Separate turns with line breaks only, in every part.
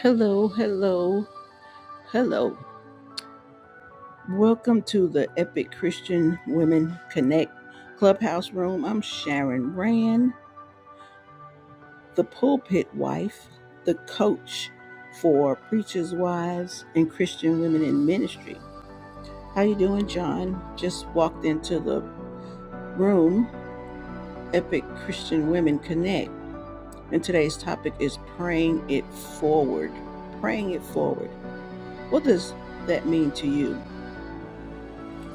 Hello, hello, hello. Welcome to the Epic Christian Women Connect Clubhouse Room. I'm Sharon Rand, the pulpit wife, the coach for preachers' wives and Christian women in ministry. How you doing, John? Just walked into the room, Epic Christian Women Connect, and today's topic is praying it forward. Praying it forward. What does that mean to you?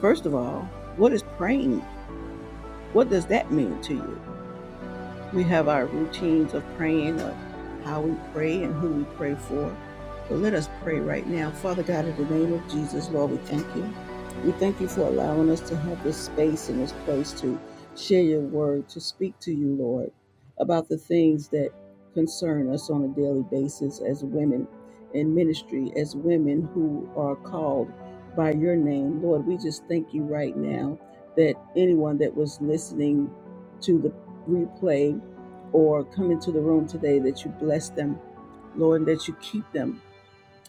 First of all, what is praying? What does that mean to you? We have our routines of praying, of how we pray and who we pray for. But let us pray right now. Father God, in the name of Jesus, Lord, we thank you. We thank you for allowing us to have this space and this place to share your word, to speak to you, Lord, about the things that concern us on a daily basis as women in ministry, as women who are called by your name. Lord, we just thank you right now that anyone that was listening to the replay or come into the room today that you bless them, Lord, and that you keep them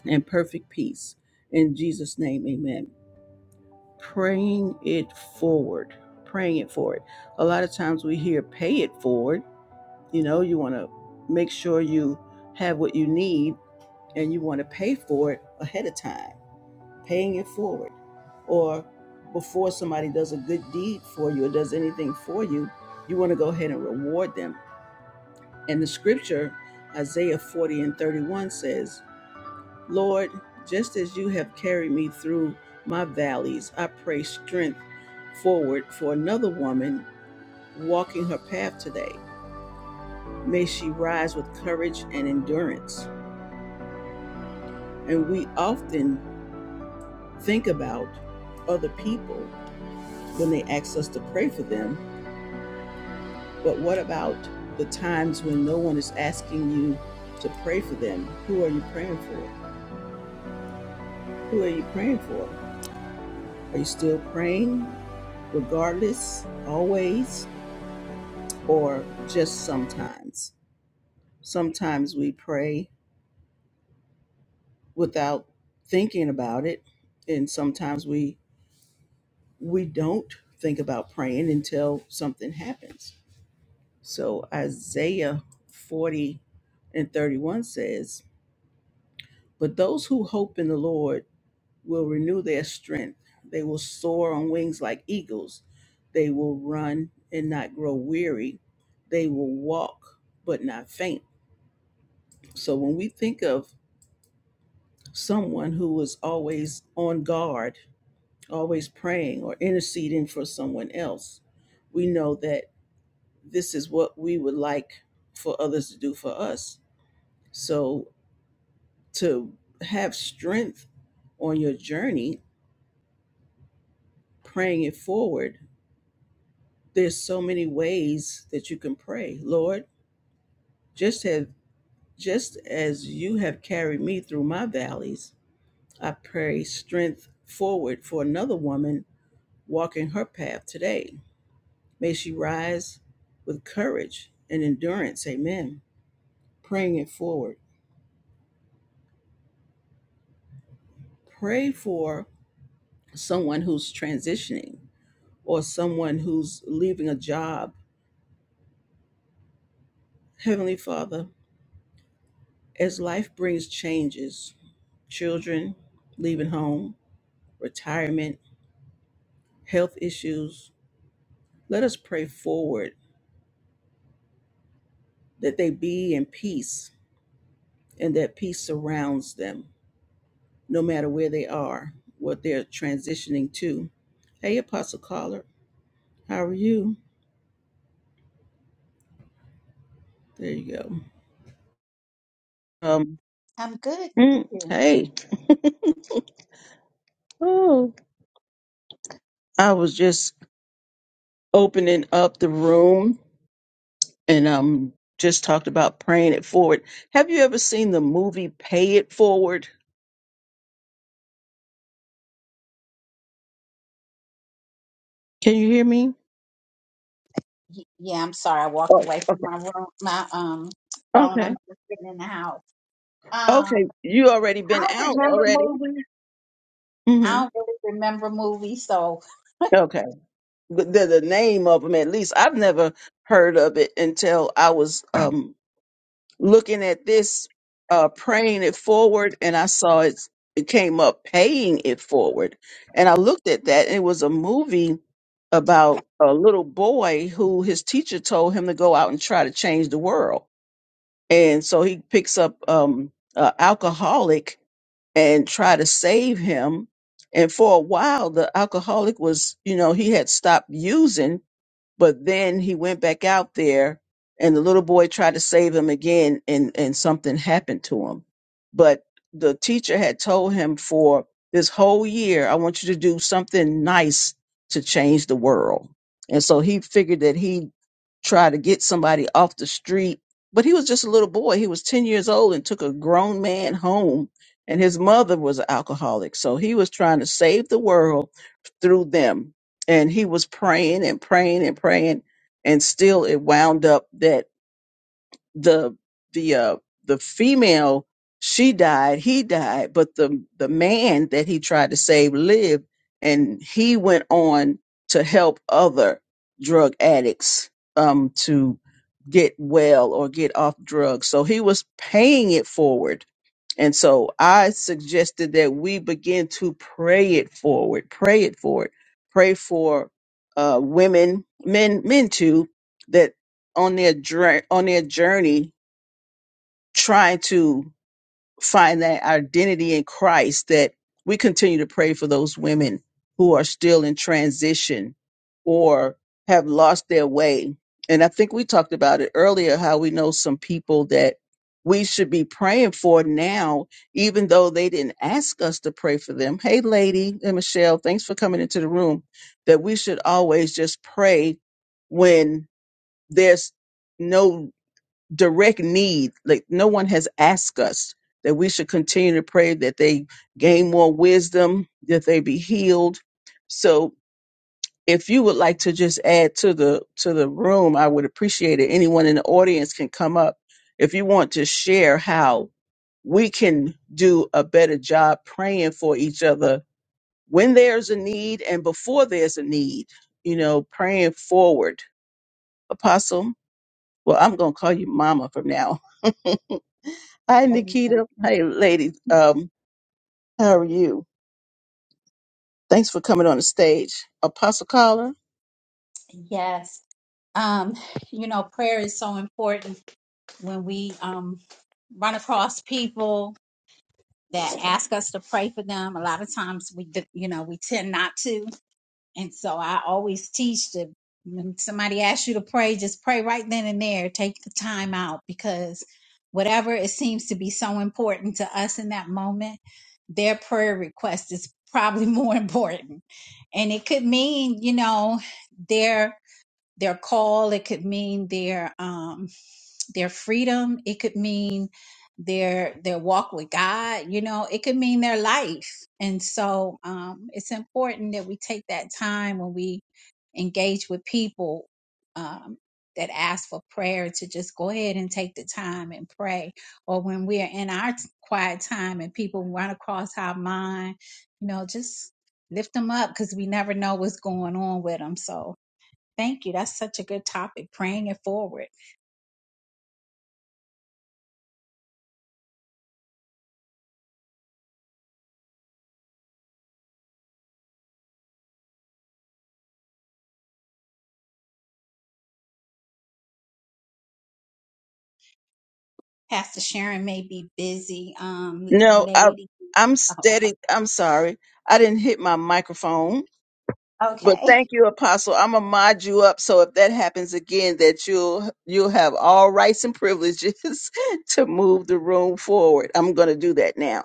in perfect peace. In Jesus' name, amen. Praying it forward, praying it forward. A lot of times we hear pay it forward. You know, you want to make sure you have what you need and you want to pay for it ahead of time, paying it forward. Or before somebody does a good deed for you or does anything for you, you want to go ahead and reward them And the scripture, Isaiah 40 and 31, says, Lord, just as you have carried me through my valleys, I pray strength forward for another woman walking her path today. May she rise with courage and endurance. And we often think about other people when they ask us to pray for them, but what about the times when no one is asking you to pray for them? Who are you praying for? Who are you praying for? Are you still praying, regardless, always, or just sometimes? Sometimes we pray without thinking about it, and sometimes we we don't think about praying until something happens. So Isaiah 40 and 31 says, But those who hope in the Lord will renew their strength. They will soar on wings like eagles. They will run and not grow weary. They will walk but not faint. So when we think of someone who was always on guard, always praying or interceding for someone else, we know that this is what we would like for others to do for us. So to have strength on your journey, praying it forward there's so many ways that you can pray lord just have just as you have carried me through my valleys i pray strength forward for another woman walking her path today may she rise with courage and endurance amen praying it forward pray for someone who's transitioning or someone who's leaving a job heavenly father as life brings changes children leaving home retirement, health issues. Let us pray forward that they be in peace and that peace surrounds them, no matter where they are, what they're transitioning to. Hey, Apostle Caller, how are you? There you go. Um,
I'm good.
mm, hey, oh, I was just opening up the room and um, just talked about praying it forward. Have you ever seen the movie Pay It Forward? Can you hear me?
Y- Yeah, I'm sorry. I walked
Oh,
away from
okay.
my room, my um phone.
Okay.
I'm just sitting in the house.
Okay,
Um,
you already
I
been
don't
out
remember
already.
movies. I
hmm
don't really remember movies. So,
Okay, the, the the name of them at least I've never heard of it until I was um looking at this, uh, praying it forward, and I saw it. It came up paying it forward, and I looked at that. And it was a movie about a little boy who his teacher told him to go out and try to change the world. and so he picks up um a alcoholic and try to save him and for a while the alcoholic was you know he had stopped using but then he went back out there and the little boy tried to save him again and, and something happened to him. But the teacher had told him for this whole year, I want you to do something nice to change the world. And so he figured that he tried to get somebody off the street, but he was just a little boy. He was 10 years old and took a grown man home. And his mother was an alcoholic. So he was trying to save the world through them and he was praying and praying and praying and still it wound up that the the uh the female she died he died but the the man that he tried to save lived and he went on to help other drug addicts um to get well or get off drugs so he was paying it forward and so I suggested that we begin to pray it forward, pray it forward, pray for uh, women, men, men too, that on their dra- on their journey trying to find that identity in Christ that we continue to pray for those women who are still in transition or have lost their way. And I think we talked about it earlier how we know some people that we should be praying for now, even though they didn't ask us to pray for them. Hey, lady and Michelle, thanks for coming into the room. That we should always just pray when there's no direct need. Like no one has asked us that we should continue to pray that they gain more wisdom, that they be healed. So if you would like to just add to the to the room, I would appreciate it. Anyone in the audience can come up if you want to share how we can do a better job praying for each other when there's a need and before there's a need, you know, praying forward. Apostle, well, I'm going to call you mama from now. Hi,
amen.
Nikita. Hey, lady. Um, how are you? Thanks for coming on the stage. Apostle Caller?
yes. Um, you know, prayer is so important when we um run across people that ask us to pray for them. A lot of times we, d- you know, we tend not to. And so I always teach that when somebody asks you to pray, just pray right then and there. Take the time out because whatever it seems to be so important to us in that moment, their prayer request is probably more important. And it could mean, you know, their their call, it could mean their um their freedom it could mean their their walk with god you know it could mean their life and so um it's important that we take that time when we engage with people um that ask for prayer to just go ahead and take the time and pray or when we're in our t- quiet time and people run across our mind you know just lift them up because we never know what's going on with them so thank you that's such a good topic praying it forward Pastor Sharon may be busy. Um,
No, I,
lady.
I'm
Oh, okay.
steady. I'm sorry. I didn't hit my microphone. But
Okay.
thank you, Apostle. I'm gonna mod you up so if that happens again, that you'll you'll have all rights and privileges to move the room forward. I'm gonna do that now.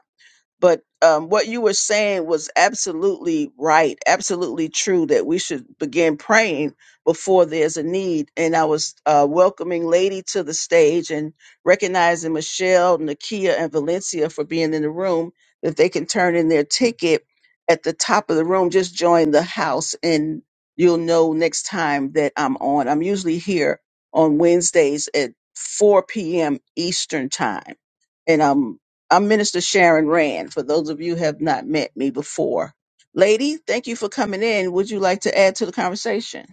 but um, what you were saying was absolutely right, absolutely true that we should begin praying before there's a need. And I was uh, welcoming Lady to the stage and recognizing Michelle, Nakia, and Valencia for being in the room, that they can turn in their ticket at the top of the room. Just join the house, and you'll know next time that I'm on. I'm usually here on Wednesdays at 4 p.m. Eastern Time and I'm. I'm Minister Sharon Rand, for those of you who have not met me before. Lady, thank you for coming in. Would you like to add to the conversation?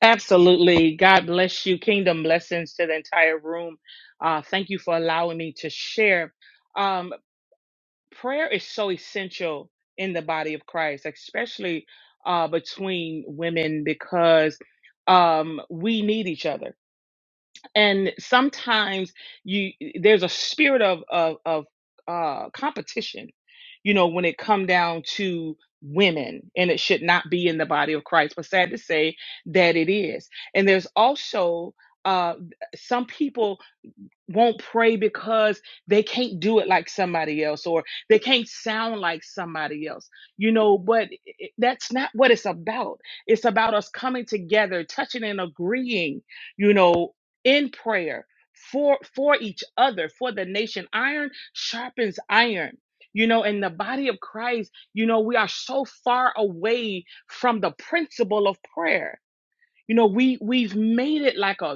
Absolutely. God bless you. Kingdom blessings to the entire room. Uh, thank you for allowing me to share. Um, prayer is so essential in the body of Christ, especially uh, between women, because um, we need each other and sometimes you there's a spirit of of, of uh, competition you know when it come down to women and it should not be in the body of christ but sad to say that it is and there's also uh, some people won't pray because they can't do it like somebody else or they can't sound like somebody else you know but it- that's not what it's about it's about us coming together touching and agreeing you know in prayer for for each other for the nation iron sharpens iron you know in the body of christ you know we are so far away from the principle of prayer you know we we've made it like a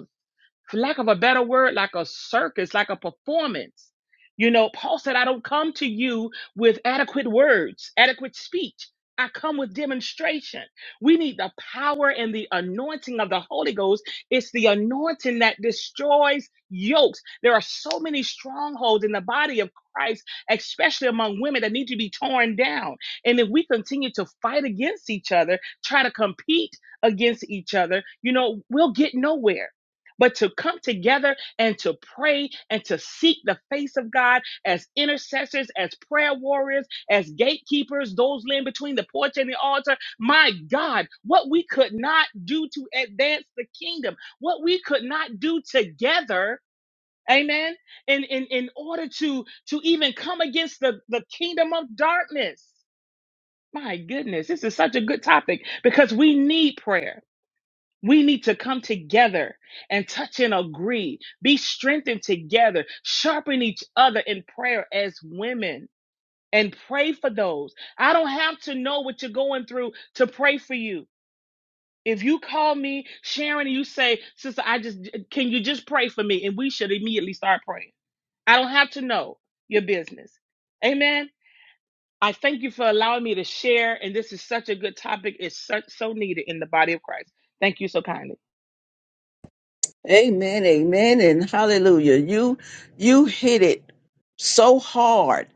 for lack of a better word, like a circus, like a performance. You know, Paul said, I don't come to you with adequate words, adequate speech. I come with demonstration. We need the power and the anointing of the Holy Ghost. It's the anointing that destroys yokes. There are so many strongholds in the body of Christ, especially among women, that need to be torn down. And if we continue to fight against each other, try to compete against each other, you know, we'll get nowhere but to come together and to pray and to seek the face of God as intercessors, as prayer warriors, as gatekeepers, those laying between the porch and the altar. My God, what we could not do to advance the kingdom, what we could not do together. Amen. In, in, in order to, to even come against the, the kingdom of darkness. My goodness, this is such a good topic because we need prayer. We need to come together and touch and agree, be strengthened together, sharpen each other in prayer as women and pray for those. I don't have to know what you're going through to pray for you. If you call me, Sharon, and you say, Sister, I just, can you just pray for me? And we should immediately start praying. I don't have to know your business. Amen. I thank you for allowing me to share. And this is such a good topic. It's such, so needed in the body of Christ. Thank you so kindly.
Amen, amen, and hallelujah. You you hit it so hard.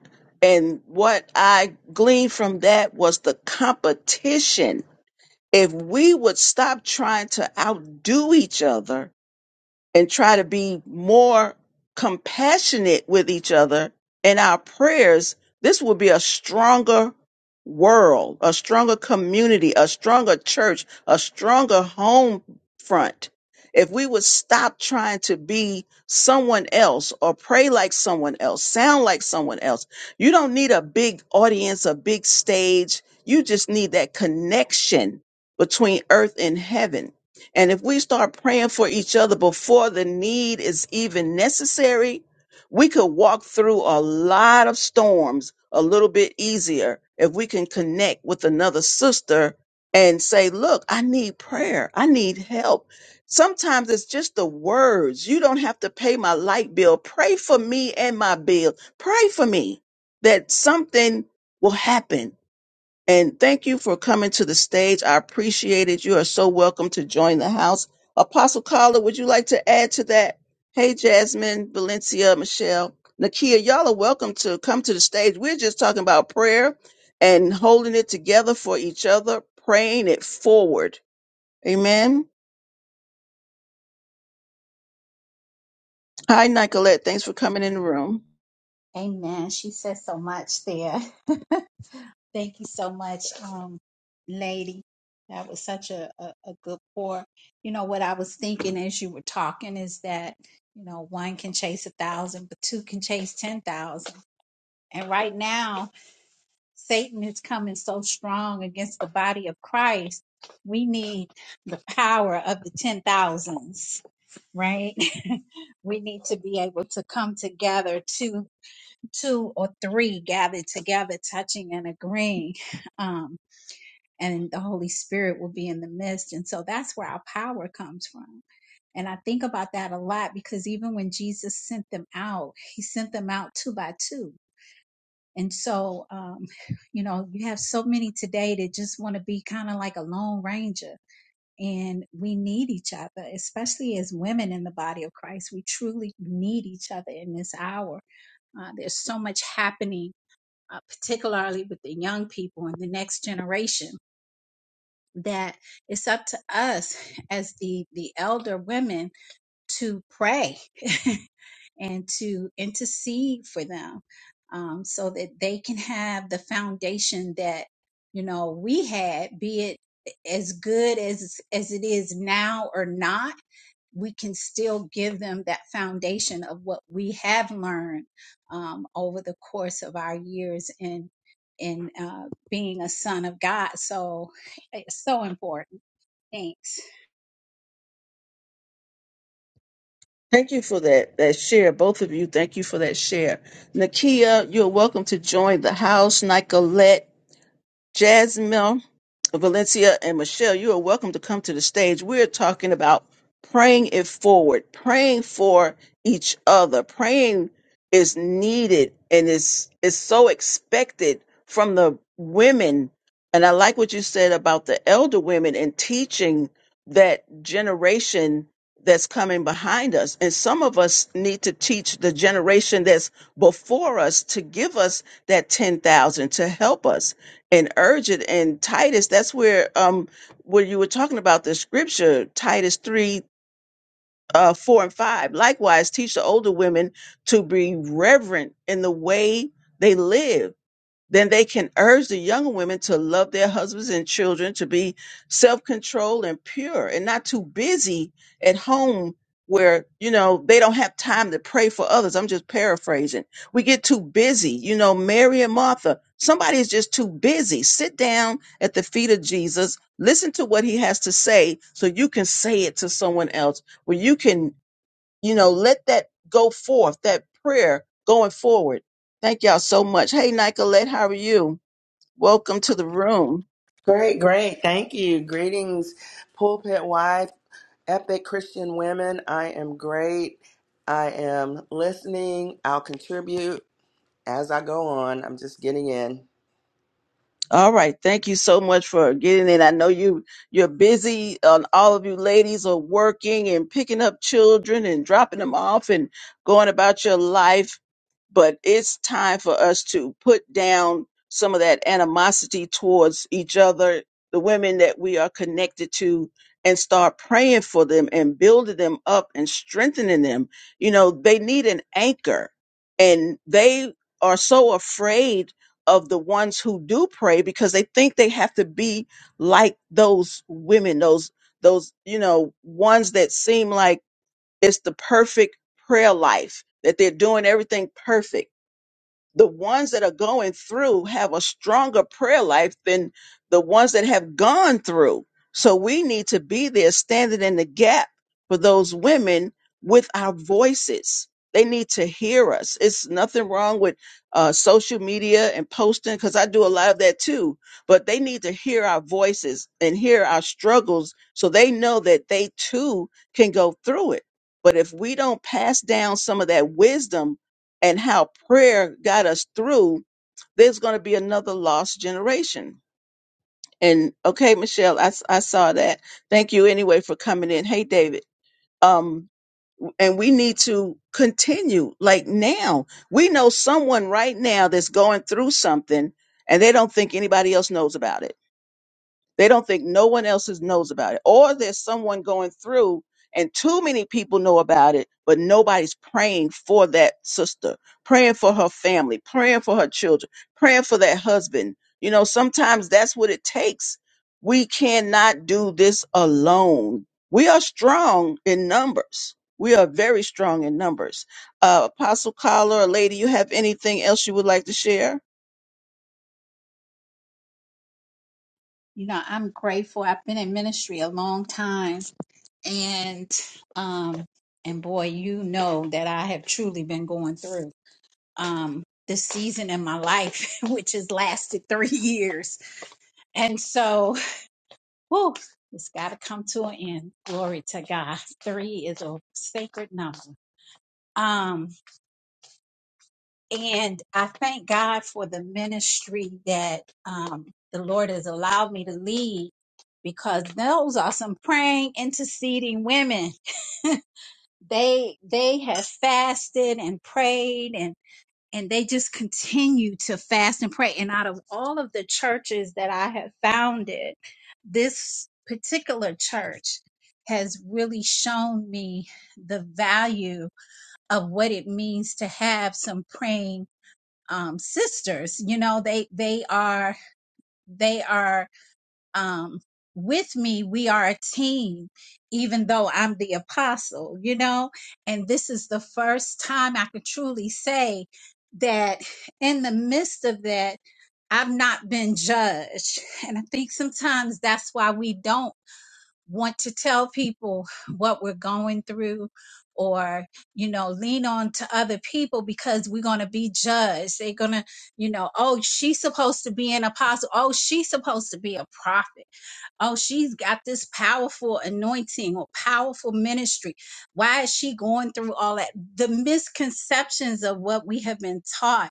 And what I gleaned from that was the competition. If we would stop trying to outdo each other and try to be more compassionate with each other in our prayers, this will be a stronger world, a stronger community, a stronger church, a stronger home front. If we would stop trying to be someone else or pray like someone else, sound like someone else, you don't need a big audience, a big stage. You just need that connection between earth and heaven and if we start praying for each other before the need is even necessary, we could walk through a lot of storms a little bit easier if we can connect with another sister and say, Look, I need prayer. I need help. Sometimes it's just the words. You don't have to pay my light bill. Pray for me and my bill. Pray for me that something will happen and thank you for coming to the stage. I appreciate it. You are so welcome to join the house. Apostle Carla, would you like to add to that? Hey, Jasmine, Valencia, Michelle, Nakia, y'all are welcome to come to the stage. We're just talking about prayer and holding it together for each other, praying it forward. Amen. Hi, Nicolette. Thanks for coming in the room.
Amen. She says so much there. Thank you so much, um, lady. That was such a, a, a good pour. You know, what I was thinking as you were talking is that, you know, one can chase a thousand, but two can chase 10,000. And right now, Satan is coming so strong against the body of Christ. We need the power of the 10,000s right? we need to be able to come together, two, two or three gathered together, touching and agreeing. Um, and the Holy Spirit will be in the midst. And so that's where our power comes from. And I think about that a lot because even when Jesus sent them out, he sent them out two by two. And so, um, you know, you have so many today that just want to be kind of like a lone ranger and we need each other, especially as women in the body of Christ. We truly need each other in this hour. Uh, there's so much happening, uh, particularly with the young people and the next generation, that it's up to us as the the elder women to pray and to intercede for them um, so that they can have the foundation that you know we had be it as good as as it is now or not we can still give them that foundation of what we have learned um, over the course of our years in in uh, being a son of god so it's so important thanks
Thank you for that, that share. Both of you, thank you for that share. Nakia, you're welcome to join the house. Nicolette, Jasmine, Valencia, and Michelle, you are welcome to come to the stage. We're talking about praying it forward, praying for each other. Praying is needed and is is so expected from the women. And I like what you said about the elder women and teaching that generation that's coming behind us. And some of us need to teach the generation that's before us to give us that 10,000 to help us and urgent and titus that's where um where you were talking about the scripture titus 3 uh 4 and 5 likewise teach the older women to be reverent in the way they live then they can urge the younger women to love their husbands and children, to be self controlled and pure and not too busy at home where, you know, they don't have time to pray for others. I'm just paraphrasing. We get too busy, you know, Mary and Martha. Somebody's just too busy. Sit down at the feet of Jesus, listen to what he has to say so you can say it to someone else, where you can you know, let that go forth, that prayer going forward. Thank y'all so much. Hey, Nicolette, how are you? Welcome to the room.
Great, great. Thank you. Greetings, pulpit wife, epic Christian women. I am great. I am listening. I'll contribute as I go on. I'm just getting in.
All right. Thank you so much for getting in. I know you you're busy. Um, all of you ladies are working and picking up children and dropping them off and going about your life. But it's time for us to put down some of that animosity towards each other, the women that we are connected to, and start praying for them and building them up and strengthening them. You know, they need an anchor and they are so afraid of the ones who do pray because they think they have to be like those women, those those you know ones that seem like it's the perfect prayer life that they're doing everything perfect the ones that are going through have a stronger prayer life than the ones that have gone through. So we need to be there standing in the gap for those women with our voices. They need to hear us. It's nothing wrong with uh, social media and posting because I do a lot of that too. But they need to hear our voices and hear our struggles so they know that they too can go through it. But if we don't pass down some of that wisdom and how prayer got us through, there's going to be another lost generation. And okay, Michelle, I, s- I saw that. Thank you anyway for coming in. Hey, David. Um, and we need to continue like now. We know someone right now that's going through something and they don't think anybody else knows about it they don't think no one else is- knows about it. Or there's someone going through and too many people know about it, but nobody's praying for that sister, praying for her family, praying for her children, praying for that husband. You know, sometimes that's what it takes. We cannot do this alone. We are strong in numbers. We are very strong in numbers. Uh, Apostle Collar, or lady, you have anything else you would like to share?
You know, I'm grateful. I've been in ministry a long time and um and boy, you know that I have truly been going through um this season in my life, which has lasted three years. And so, whew, it's gotta come to an end. Glory to God. Three is a sacred number. Um And I thank God for the ministry that um, the Lord has allowed me to lead because those are some praying, interceding women. They they have fasted and prayed and and they just continue to fast and pray. And out of all of the churches that I have founded, this particular church has really shown me the value of what it means to have some praying um, sisters. You know, they they are they are um, with me. We are a team, even though I'm the apostle. You know, and this is the first time I could truly say that in the midst of that, I've not been judged. And I think sometimes that's why we don't want to tell people what we're going through or you know lean on to other people because we're going to be judged they're going to you know oh she's supposed to be an apostle oh she's supposed to be a prophet Oh, she's got this powerful anointing or powerful ministry. Why is she going through all that? The misconceptions of what we have been taught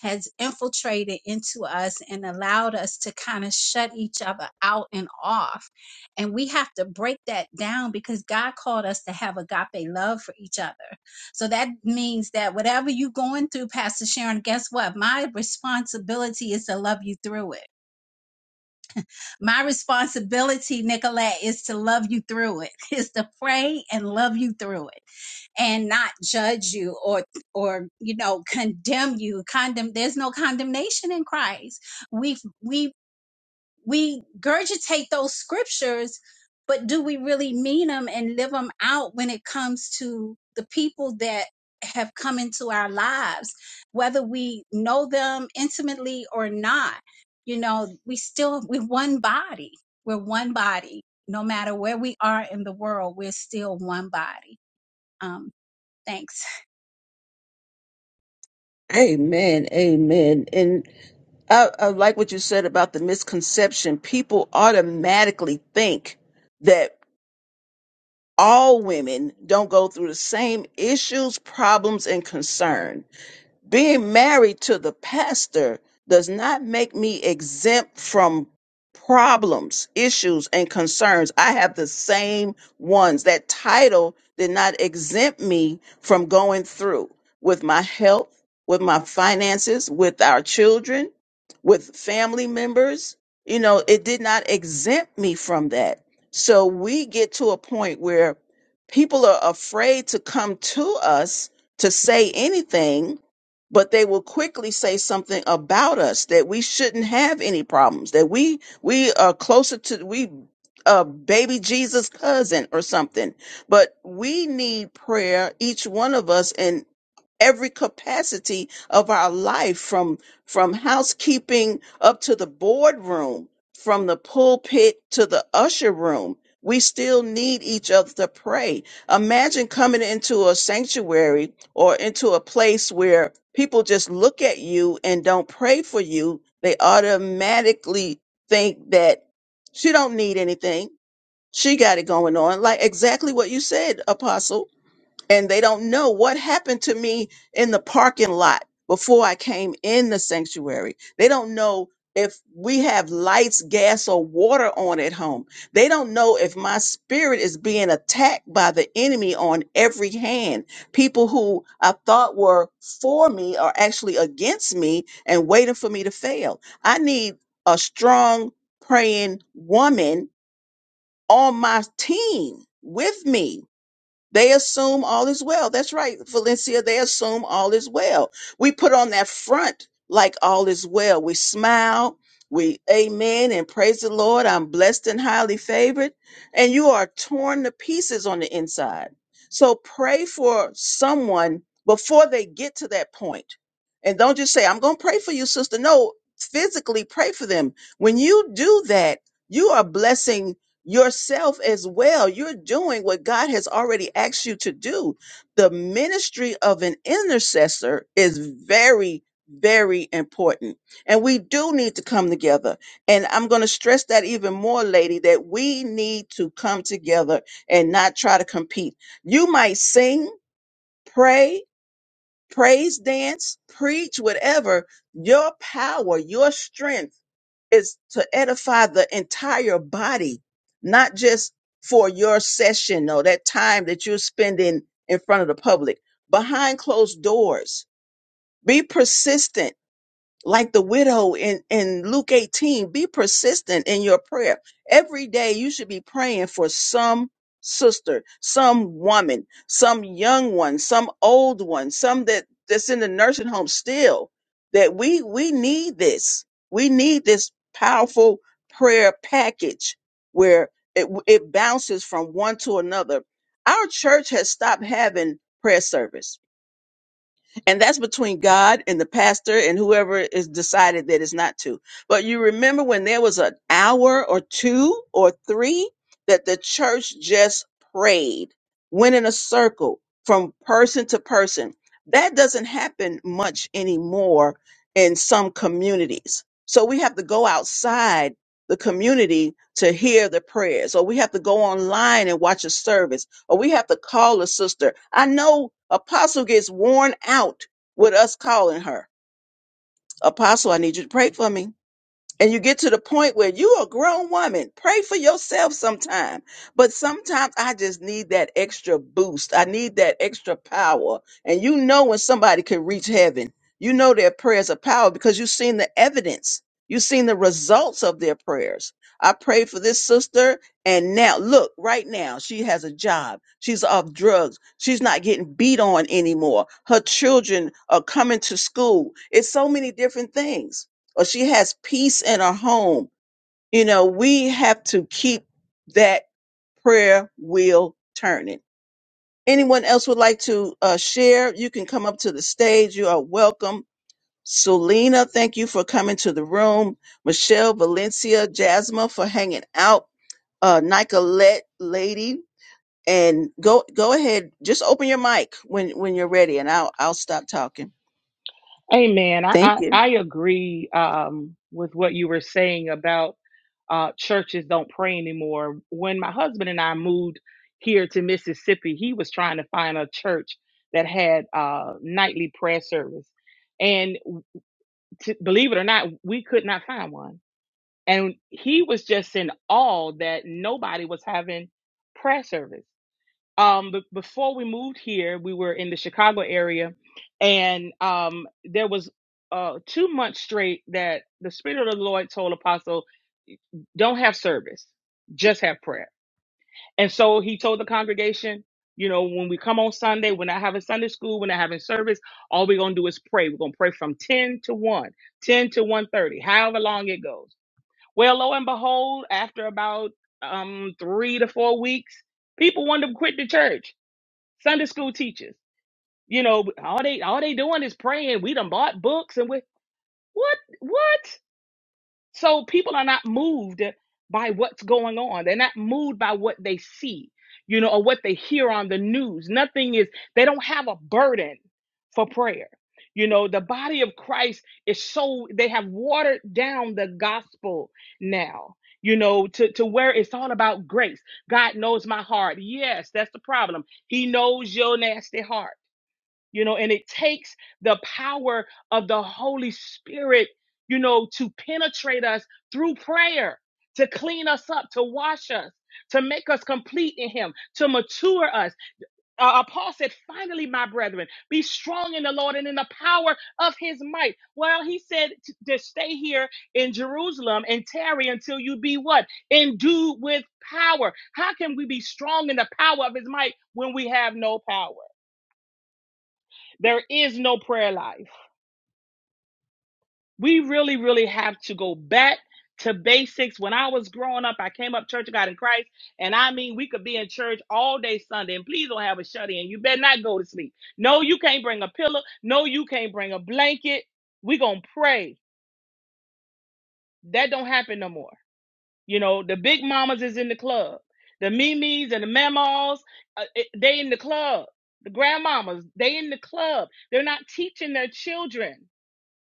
has infiltrated into us and allowed us to kind of shut each other out and off. And we have to break that down because God called us to have agape love for each other. So that means that whatever you're going through, Pastor Sharon, guess what? My responsibility is to love you through it my responsibility, Nicolette, is to love you through it, is to pray and love you through it and not judge you or or you know condemn you. Condemn there's no condemnation in Christ. We we we gurgitate those scriptures, but do we really mean them and live them out when it comes to the people that have come into our lives, whether we know them intimately or not? You know, we still, we're one body. We're one body. No matter where we are in the world, we're still one body. Um, thanks.
Amen. Amen. And. I, I like what you said about the misconception. People automatically think that all women don't go through the same issues, problems, and concern being married to the pastor does not make me exempt from problems, issues, and concerns. I have the same ones. That title did not exempt me from going through with my health, with my finances, with our children, with family members. You know, it did not exempt me from that. So we get to a point where people are afraid to come to us to say anything but they will quickly say something about us that we shouldn't have any problems that we we are closer to we uh baby jesus cousin or something but we need prayer each one of us every capacity of our life from from housekeeping up to the boardroom from the pulpit to the usher room we still need each other to pray imagine coming into a sanctuary or into a place where people just look at you and don't pray for you they automatically think that she don't need anything she got it going on like exactly what you said apostle and they don't know what happened to me in the parking lot before I came in the sanctuary. They don't know if we have lights, gas, or water on at home. They don't know if my spirit is being attacked by the enemy on every hand. People who I thought were for me are actually against me and waiting for me to fail. I need a strong, praying woman on my team with me they assume all is well. That's right, Valencia. They assume all is well. We put on that front like all is well. We smile. We amen and praise the Lord. I'm blessed and highly favored. And you are torn to pieces on the inside. So pray for someone before they get to that point. And don't just say, I'm going to pray for you, sister. No, physically pray for them. When you do that, you are blessing yourself as well. You're doing what God has already asked you to do. The ministry of an intercessor is very, very important. And we do need to come together. And I'm going to stress that even more, lady, that we need to come together and not try to compete. You might sing, pray, praise, dance, preach, whatever. Your power, your strength, is to edify the entire body, not just for your session or that time that you're spending in front of the public, behind closed doors. Be persistent like the widow in, in Luke 18, be persistent in your prayer. Every day you should be praying for some sister, some woman, some young one, some old one, some that, that's in the nursing home still. That we we need this. We need this powerful prayer package where it, it bounces from one to another. Our church has stopped having prayer service and that's between God and the pastor and whoever is decided that it's not to. But you remember when there was an hour or two or three that the church just prayed, went in a circle from person to person. That doesn't happen much anymore in some communities. So we have to go outside the community to hear the prayers, or we have to go online and watch a service or we have to call a sister. I know Apostle gets worn out with us calling her. Apostle, I need you to pray for me and you get to the point where you a grown woman pray for yourself sometime but sometimes i just need that extra boost i need that extra power and you know when somebody can reach heaven you know their prayers are power because you've seen the evidence you've seen the results of their prayers i prayed for this sister and now look right now she has a job she's off drugs she's not getting beat on anymore her children are coming to school it's so many different things or she has peace in her home. You know, we have to keep that prayer wheel turning. Anyone else would like to uh, share? You can come up to the stage. You are welcome. Selena, thank you for coming to the room. Michelle, Valencia, Jasmine for hanging out. Uh, Nicolette, lady, and go go ahead. Just open your mic when when you're ready, and I'll I'll stop talking.
Amen. I,
Thank
I,
you.
I agree um, with what you were saying about uh, churches don't pray anymore. When my husband and I moved here to Mississippi, he was trying to find a church that had uh, nightly prayer service. And to, believe it or not, we could not find one. And he was just in awe that nobody was having prayer service um b- before we moved here we were in the chicago area and um there was uh two months straight that the spirit of the lord told apostle don't have service just have prayer and so he told the congregation you know when we come on sunday we're not having sunday school we're not having service all we're gonna do is pray we're gonna pray from 10 to one, 10 to one thirty, however long it goes well lo and behold after about um three to four weeks people wanted to quit the church Sunday school teachers. You know, all they all they doing is praying. We done bought books and we what what? So people are not moved by what's going on. They're not moved by what they see, you know, or what they hear on the news. Nothing is they don't have a burden for prayer. You know, the body of Christ is so they have watered down the gospel now. You know, to, to where it's all about grace. God knows my heart. Yes, that's the problem. He knows your nasty heart you know, and it takes the power of the Holy Spirit, you know, to penetrate us through prayer, to clean us up, to wash us, to make us complete in Him, to mature us. Uh, uh, Paul said, finally, my brethren, be strong in the Lord and in the power of His might. Well, he said t- to stay here in Jerusalem and tarry until you be what? Endued with power. How can we be strong in the power of His might when we have no power? There is no prayer life. we really, really have to go back to basics. When I was growing up, I came up Church of God in Christ, and I mean, we could be in church all day Sunday, and please don't have a shut in. You better not go to sleep. No, you can't bring a pillow. No, you can't bring a blanket. we going to pray. That don't happen no more. You know, the big mamas is in the club. The memes and the mamas, uh, it- they in the club. The grandmamas, they in the club. They're not teaching their children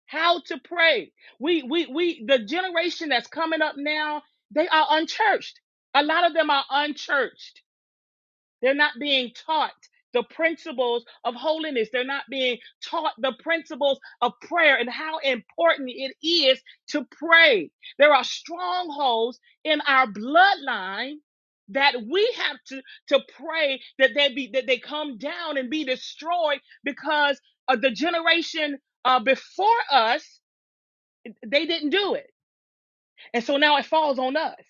how to pray. We we we the generation that's coming up now, they are unchurched. A lot of them are unchurched. They're not being taught the principles of holiness. They're not being taught the principles of prayer and how important it is to pray. There are strongholds in our bloodline that we have to to pray that they be that they come down and be destroyed because of the generation uh, before us they didn't do it. And so now it falls on us.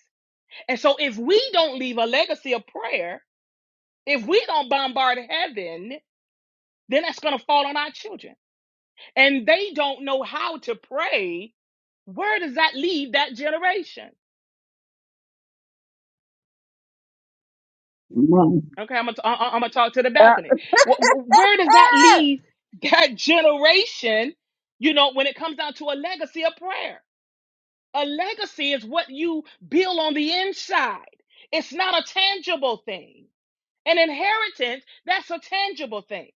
And so if we don't leave a legacy of prayer, if we don't bombard heaven, then that's going to fall on our children. And they don't know how to pray. Where does that leave that generation?
Come on,
Okay, I'm gonna, I- I'm gonna talk to the
Ah,
balcony. Wh- wh- Where does that leave that generation? You know, when it comes down to a legacy of prayer, a legacy is what you build on the inside. It's not a tangible thing. An inheritance, that's a tangible thing.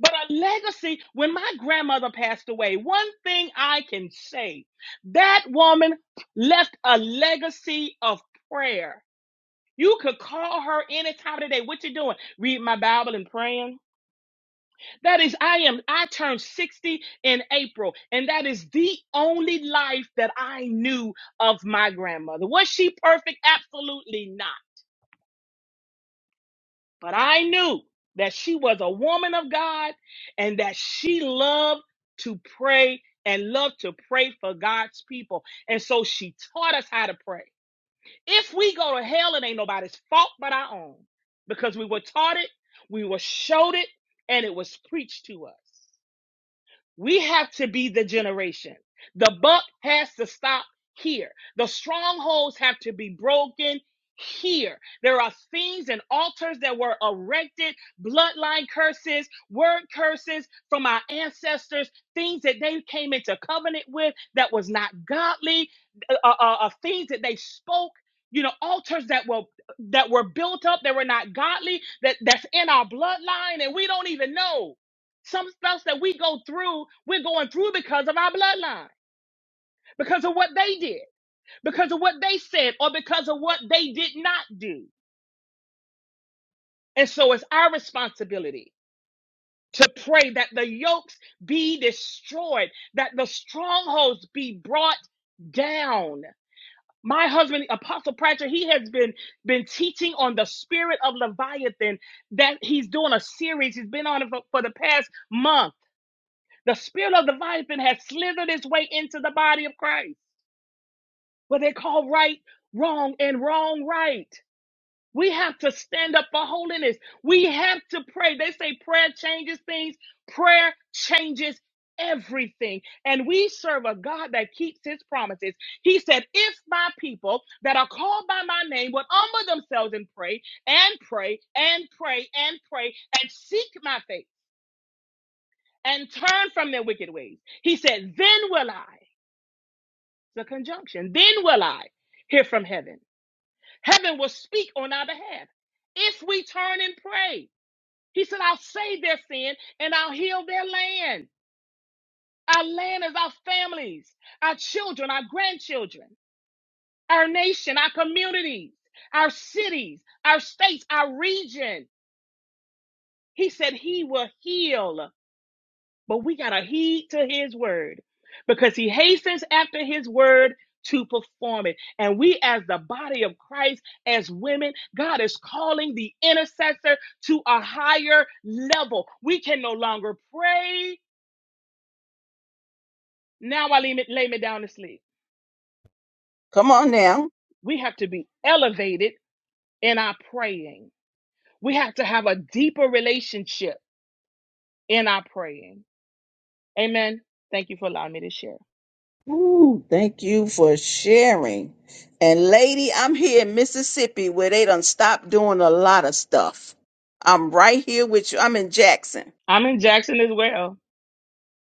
But a legacy, when my grandmother passed away, one thing I can say that woman left a legacy of prayer. You could call her any time of the day. What you doing? Read my Bible and praying. That is, I am, I turned 60 in April, and that is the only life that I knew of my grandmother. Was she perfect? Absolutely not. But I knew that she was a woman of God and that she loved to pray and loved to pray for God's people. And so she taught us how to pray. If we go to hell, it ain't nobody's fault but our own because we were taught it, we were showed it, and it was preached to us. We have to be the generation. The buck has to stop here. The strongholds have to be broken here. There are things and altars that were erected, bloodline curses, word curses from our ancestors, things that they came into covenant with that was not godly, uh, uh, uh, uh, things that they spoke. You know, altars that were that were built up that were not godly, that that's in our bloodline, and we don't even know. Some stuff that we go through, we're going through because of our bloodline, because of what they did, because of what they said, or because of what they did not do. And so it's our responsibility to pray that the yokes be destroyed, that the strongholds be brought down. My husband, Apostle Pratchett, he has been been teaching on the spirit of Leviathan that he's doing a series. He's been on it for, for the past month The spirit of Leviathan has slithered its way into the body of Christ, where they call right wrong and wrong right. We have to stand up for holiness. We have to pray. They say prayer changes things, prayer changes everything. And we serve a God that keeps his promises. He said, If my people that are called by my name would humble themselves and pray, and pray, and pray, and pray, and seek my face and turn from their wicked ways, he said, Then will I. It's a conjunction. Then will I hear from heaven. Heaven will speak on our behalf if we turn and pray. He said, I'll save their sin and I'll heal their land. Our land is our families, our children, our grandchildren, our nation, our communities, our cities, our states, our region. He said, He will heal. But we got to heed to his word because he hastens after his word to perform it. And we, as the body of Christ, as women, God is calling the intercessor to a higher level. We can no longer pray. Now I lay me, lay me down to sleep.
come on now.
We have to be elevated in our praying. We have to have a deeper relationship in our praying. Amen. Thank you for allowing me to share.
Ooh, thank you for sharing. And lady, I'm here in Mississippi where they done stopped doing a lot of stuff. I'm right here with you. I'm in Jackson.
I'm in Jackson as well.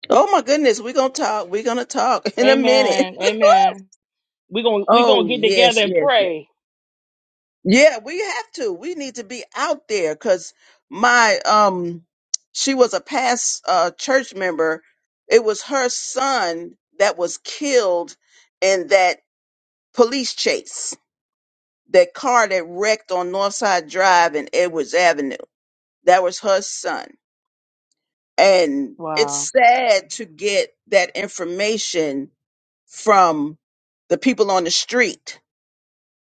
Oh my goodness, we're gonna talk. We're gonna talk in a minute.
Amen. Amen. We're gonna we're gonna
oh
get together
yes,
and
yes, yes.
pray.
Yeah, we have to. We need to be out there because my um she was a past uh church member. It was her son that was killed in that police chase that car that wrecked on Northside Drive and Edwards Avenue. That was her son. And
Wow.
it's sad to get that information from the people on the street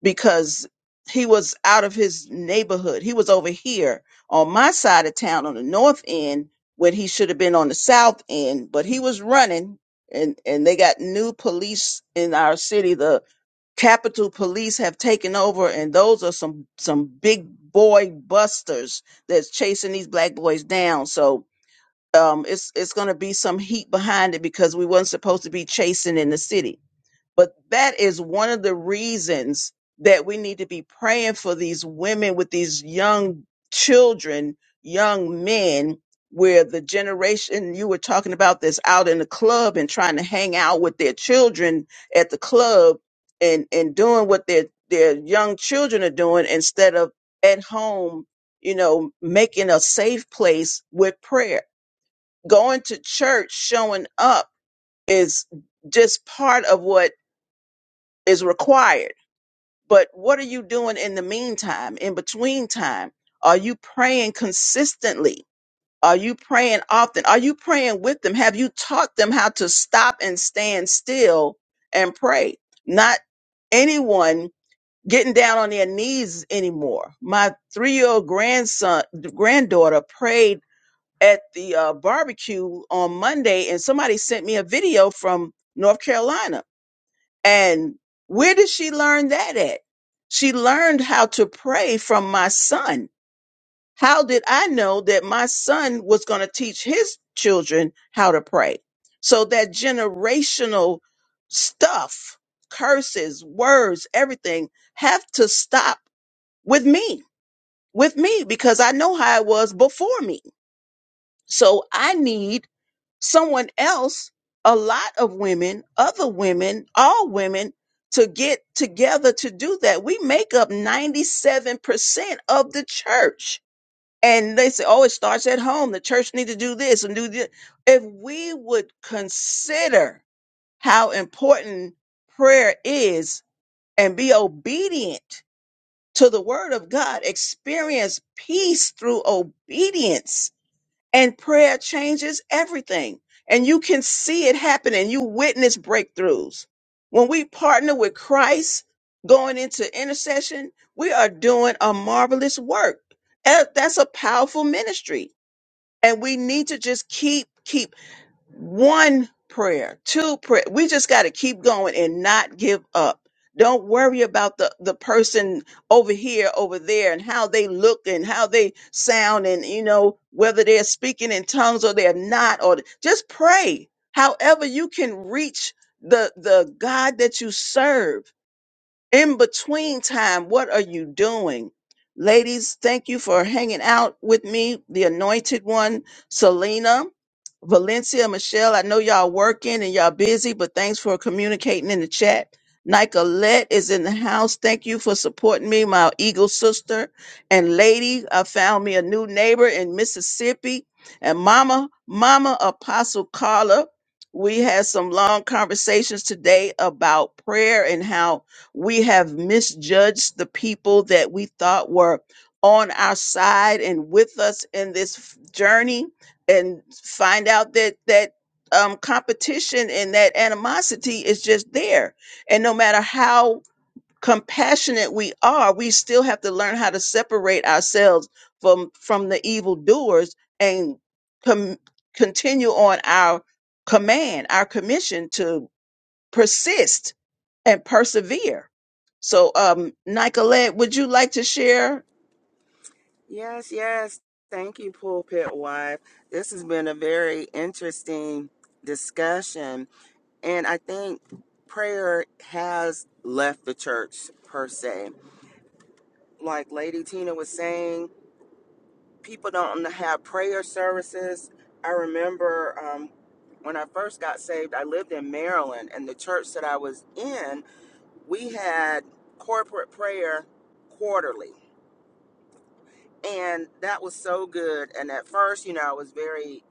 because he was out of his neighborhood. He was over here on my side of town on the north end when he should have been on the south end, but he was running and and they got new police in our city. The Capitol Police have taken over, and those are some some big boy busters that's chasing these black boys down. So um, it's it's going to be some heat behind it because we wasn't supposed to be chasing in the city. But that is one of the reasons that we need to be praying for these women with these young children, young men, where the generation you were talking about this out in the club and trying to hang out with their children at the club and, and doing what their, their young children are doing instead of at home, you know, making a safe place with prayer. Going to church, showing up is just part of what is required. But what are you doing in the meantime, in between time? Are you praying consistently? Are you praying often? Are you praying with them? Have you taught them how to stop and stand still and pray? Not anyone getting down on their knees anymore. My three-year-old grandson, granddaughter prayed at the uh, barbecue on Monday, and somebody sent me a video from North Carolina and where did she learn that at? She learned how to pray from my son. How did I know that my son was going to teach his children how to pray? So that generational stuff, curses, words, everything have to stop with me, with me, because I know how it was before me. So I need someone else, a lot of women, other women, all women to get together to do that. We make up 97% of the church. And they say, oh, it starts at home. The church need to do this and do this. If we would consider how important prayer is and be obedient to the word of God, experience peace through obedience and prayer changes everything. And you can see it happen and you witness breakthroughs. When we partner with Christ going into intercession, we are doing a marvelous work. Eh, That's a powerful ministry. And we need to just keep, keep one prayer, two prayer. We just got to keep going and not give up. Don't worry about the, the person over here, over there, and how they look and how they sound, and you know, whether they're speaking in tongues or they're not, or just pray. However, you can reach the the God that you serve in between time, what are you doing? Ladies, thank you for hanging out with me, the anointed one, Selena, Valencia, Michelle. I know y'all working and y'all busy, but thanks for communicating in the chat. Nicolette is in the house. Thank you for supporting me, my eagle sister. And lady, I found me a new neighbor in Mississippi. And mama, mama Apostle Carla, we had some long conversations today about prayer and how we have misjudged the people that we thought were on our side and with us in this f- journey, and find out that that um, competition and that animosity is just there. And no matter how compassionate we are, we still have to learn how to separate ourselves from from the evildoers and com- continue on our command, our commission to persist and persevere. So, um, Nicolette, would you like to share?
Yes, yes. Thank you, pulpit wife. This has been a very interesting discussion. And I think prayer has left the church, per se. Like Lady Tina was saying, people don't have prayer services. I remember um, when I first got saved, I lived in Maryland, and the church that I was in, we had corporate prayer quarterly. And that was so good. And at first, you know, I was very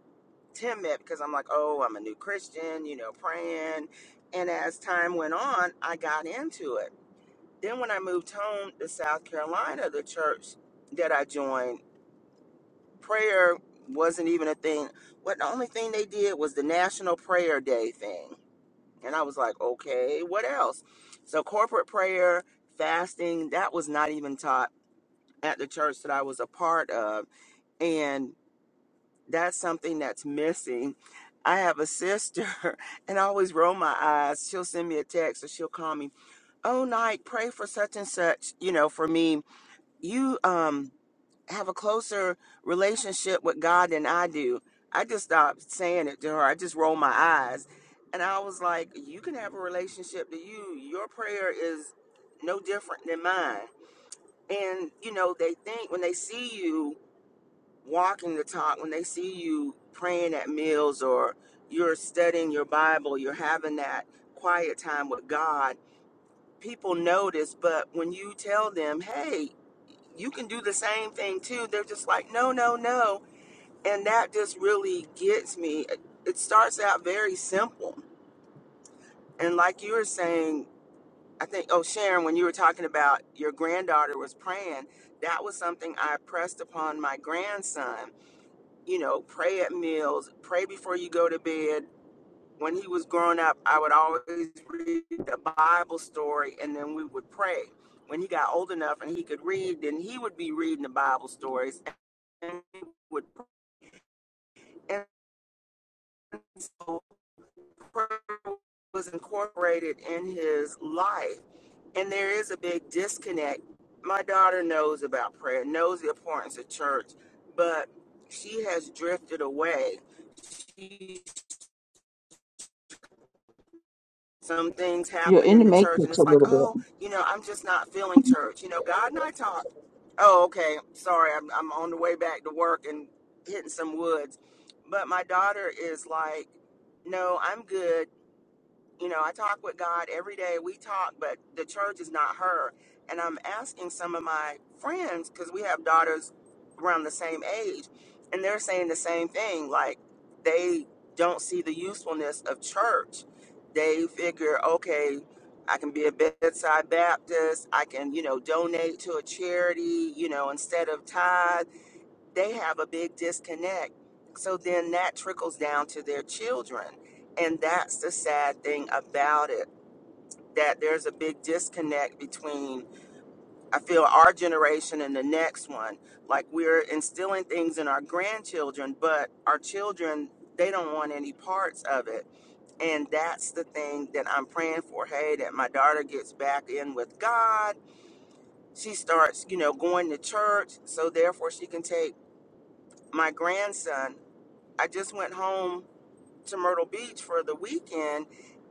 timid because I'm like, oh, I'm a new Christian, you know, praying. And as time went on, I got into it. Then when I moved home to South Carolina, the church that I joined, prayer wasn't even a thing. What the only thing they did was the National Prayer Day thing. And I was like, okay, what else? So corporate prayer, fasting, that was not even taught at the church that I was a part of. And that's something that's missing. I have a sister and I always roll my eyes. She'll send me a text or she'll call me, Oh Nike, pray for such and such, you know, for me. You um have a closer relationship with God than I do. I just stopped saying it to her. I just rolled my eyes. And I was like, You can have a relationship to you. Your prayer is no different than mine. And, you know, they think when they see you walking the talk, when they see you praying at meals or you're studying your Bible, you're having that quiet time with God people notice, but when you tell them, hey, you can do the same thing too, they're just like, no, no, no. And that just really gets me. It it starts out very simple. And like you were saying, I think, oh, Sharon, when you were talking about your granddaughter was praying, that was something I pressed upon my grandson. You know, pray at meals, pray before you go to bed, when he was growing up, I would always read the Bible story and then we would pray. When he got old enough and he could read, then he would be reading the Bible stories and he would and so prayer was incorporated in his life. And there is a big disconnect. My daughter knows about prayer, knows the importance of church, but she has drifted away. She some things
You're
happen
in
in
the
the church and
matrix a
it's like
little
oh
bit.
you know i'm just not feeling church you know god and i talk oh okay sorry i'm, I'm on the way back to work and hitting some woods but my daughter is like no i'm good you know, I talk with God every day. We talk, but the church is not her. And I'm asking some of my friends because we have daughters around the same age, and they're saying the same thing. Like they don't see the usefulness of church. They figure, okay, I can be a bedside Baptist. I can, you know, donate to a charity, you know, instead of tithes they have a big disconnect. So then that trickles down to their children. And that's the sad thing about it that there's a big disconnect between, I feel, our generation and the next one. Like we're instilling things in our grandchildren, but our children, they don't want any parts of it. And that's the thing that I'm praying for. Hey, that my daughter gets back in with God. She starts, you know, going to church. So therefore she can take my grandson I just went home to Myrtle Beach for the weekend.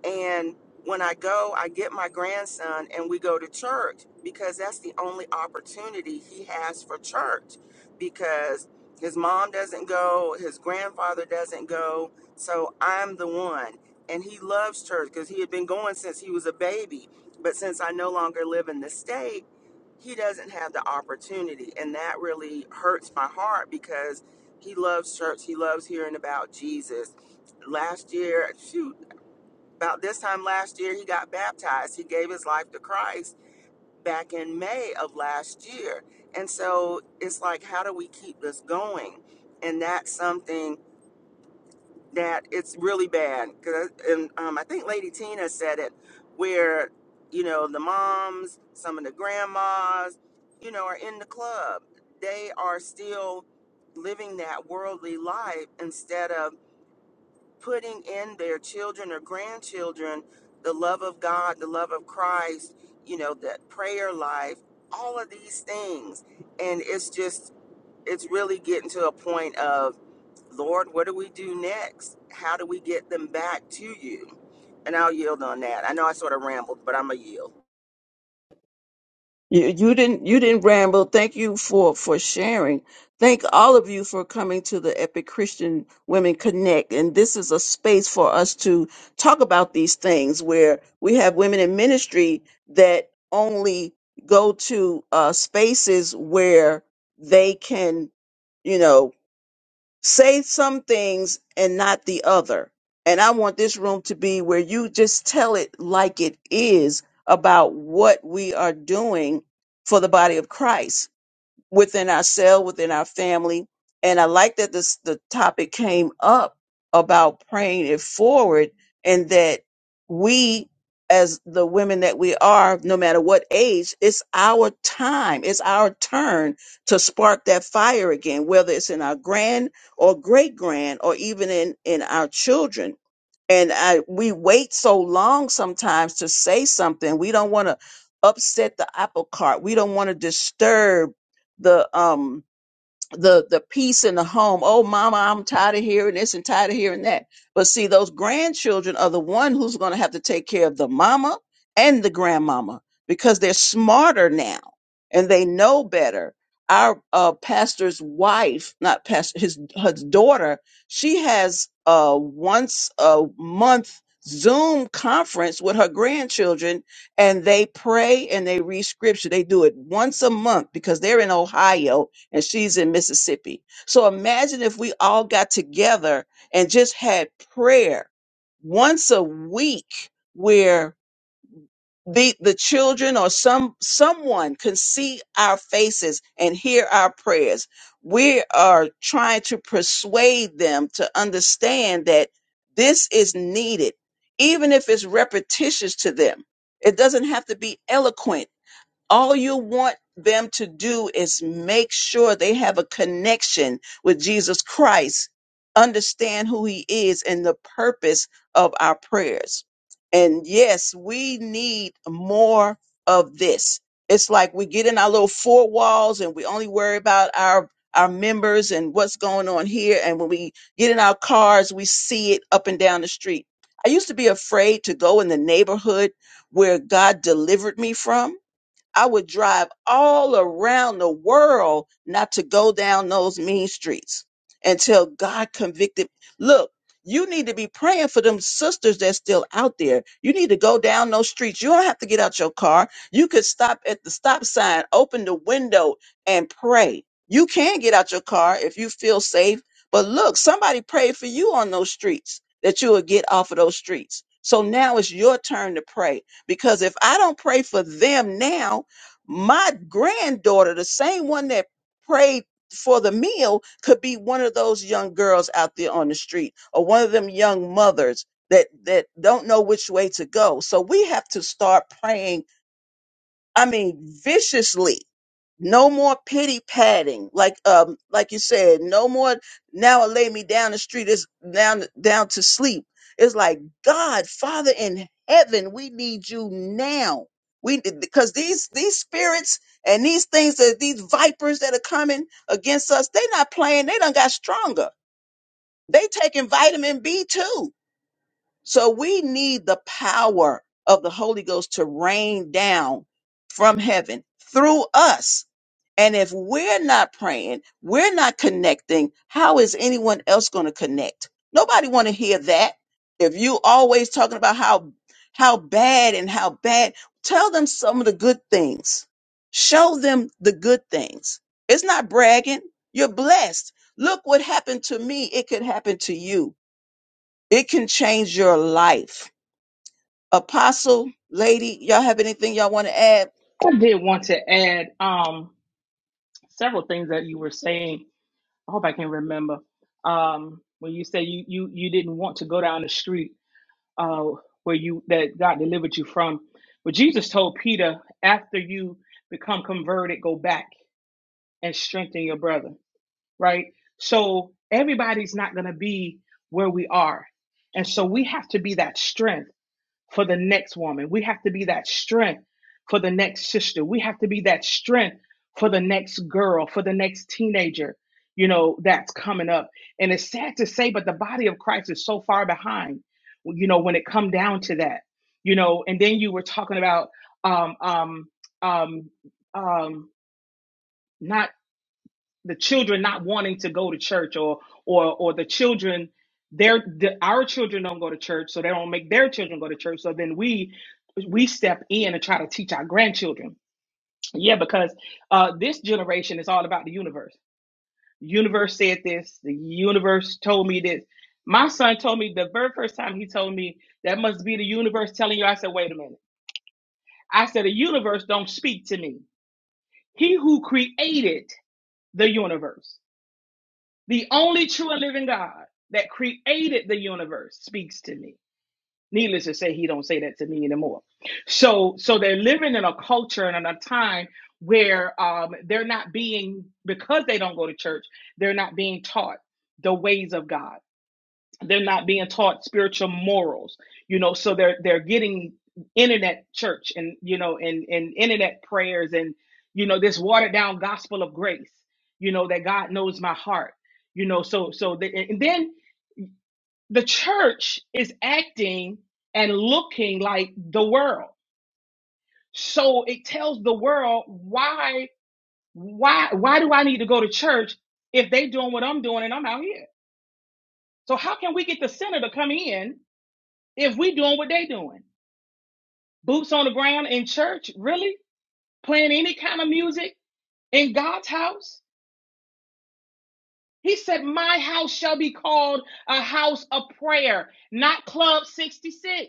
And when I go, I get my grandson and we go to church because that's the only opportunity he has for church because his mom doesn't go, his grandfather doesn't go. So I'm the one. And he loves church because he had been going since he was a baby. But since I no longer live in the state, he doesn't have the opportunity. And that really hurts my heart because he loves church. He loves hearing about Jesus last year, shoot, about this time last year, he got baptized. He gave his life to Christ back in May of last year. And so it's like, how do we keep this going? And that's something that it's really bad. 'Cause- And um, I think Lady Tina said it, where, you know, the moms, some of the grandmas, you know, are in the club. They are still living that worldly life instead of putting in their children or grandchildren the love of God, the love of Christ, you know, that prayer life, all of these things. And it's just, it's really getting to a point of, Lord, what do we do next? How do we get them back to you? And I'll yield on that. I know I sort of rambled, but I'm a yield.
You, you didn't you didn't ramble. Thank you for for sharing. Thank all of you for coming to the Epic Christian Women Connect. And this is a space for us to talk about these things where we have women in ministry that only go to uh, spaces where they can, you know, say some things and not the other. And I want this room to be where you just tell it like it is about what we are doing for the body of Christ within ourselves, within our family. And I like that this the topic came up about praying it forward and that we as the women that we are, no matter what age, it's our time, it's our turn to spark that fire again, whether it's in our grand or great grand or even in, in our children and I, we wait so long sometimes to say something. We don't want to upset the apple cart. We don't want to disturb the um the the peace in the home. Oh, mama, I'm tired of hearing this and tired of hearing that. But see, those grandchildren are the one who's going to have to take care of the mama and the grandmama because they're smarter now and they know better. Our uh, pastor's wife, not pastor, his his daughter, she has a once a month Zoom conference with her grandchildren, and they pray and they read scripture. They do it once a month because they're in Ohio and she's in Mississippi. So imagine if we all got together and just had prayer once a week where the the children or some someone can see our faces and hear our prayers. We are trying to persuade them to understand that this is needed, even if it's repetitious to them. It doesn't have to be eloquent all you want them to do is make sure they have a connection with Jesus Christ, understand who he is and the purpose of our prayers. And yes, we need more of this. It's like we get in our little four walls and we only worry about our our members and what's going on here. And when we get in our cars, we see it up and down the street. I used to be afraid to go in the neighborhood where God delivered me from I would drive all around the world not to go down those mean streets until God convicted. Look, you need to be praying for them sisters that's still out there. You need to go down those streets. You don't have to get out your car. You could stop at the stop sign, open the window, and pray. You can get out your car if you feel safe. But look, somebody prayed for you on those streets that you will get off of those streets. So now it's your turn to pray because if I don't pray for them now, my granddaughter, the same one that prayed for the meal, could be one of those young girls out there on the street or one of them young mothers that that don't know which way to go. So we have to start praying, I mean, viciously no more pity padding, like um, like you said. No more now. I lay me down the street. It's down down to sleep. It's like God, Father in heaven, we need you now. We because these these spirits and these things that these vipers that are coming against us, they're not playing. They done got stronger. They taking vitamin B too. So we need the power of the Holy Ghost to rain down from heaven through us and if we're not praying, we're not connecting, how is anyone else going to connect? Nobody want to hear that. If you always talking about how how bad and how bad, tell them some of the good things. Show them the good things. It's not bragging. You're blessed. Look what happened to me. It could happen to you. It can change your life. Apostle, lady, y'all have anything y'all want to add?
I did want to add um several things that you were saying. I hope I can remember. Um when you say you you you didn't want to go down the street uh where you that God delivered you from. But Jesus told Peter, after you become converted, go back and strengthen your brother, right? So everybody's not gonna be where we are. And so we have to be that strength. for the next woman. We have to be that strength for the next sister. We have to be that strength for the next girl, for the next teenager, you know, that's coming up. And it's sad to say, but the body of Christ is so far behind, you know, when it come down to that, you know. And then you were talking about um, um, um, um, not the children not wanting to go to church or or or the children their the, our children don't go to church so they don't make their children go to church so then we we step in and try to teach our grandchildren yeah because uh this generation is all about the universe universe said this the universe told me this my son told me the very first time he told me that must be the universe telling you i said wait a minute i said the universe don't speak to me he who created the universe The only true and living God that created the universe speaks to me. Needless to say, he don't say that to me anymore. So, so they're living in a culture and in a time where um, they're not being because they don't go to church. They're not being taught the ways of God they're not being taught spiritual morals you know so they're they're getting internet church and you know and and internet prayers and you know this watered down gospel of grace you know that god knows my heart you know so so the, and then the church is acting and looking like the world so it tells the world why why why do i need to go to church if they doing what i'm doing and i'm out here so how can we get the sinner to come in if we doing what they doing boots on the ground in church, really playing any kind of music in God's house. He said, My house shall be called a house of prayer, not Club 66.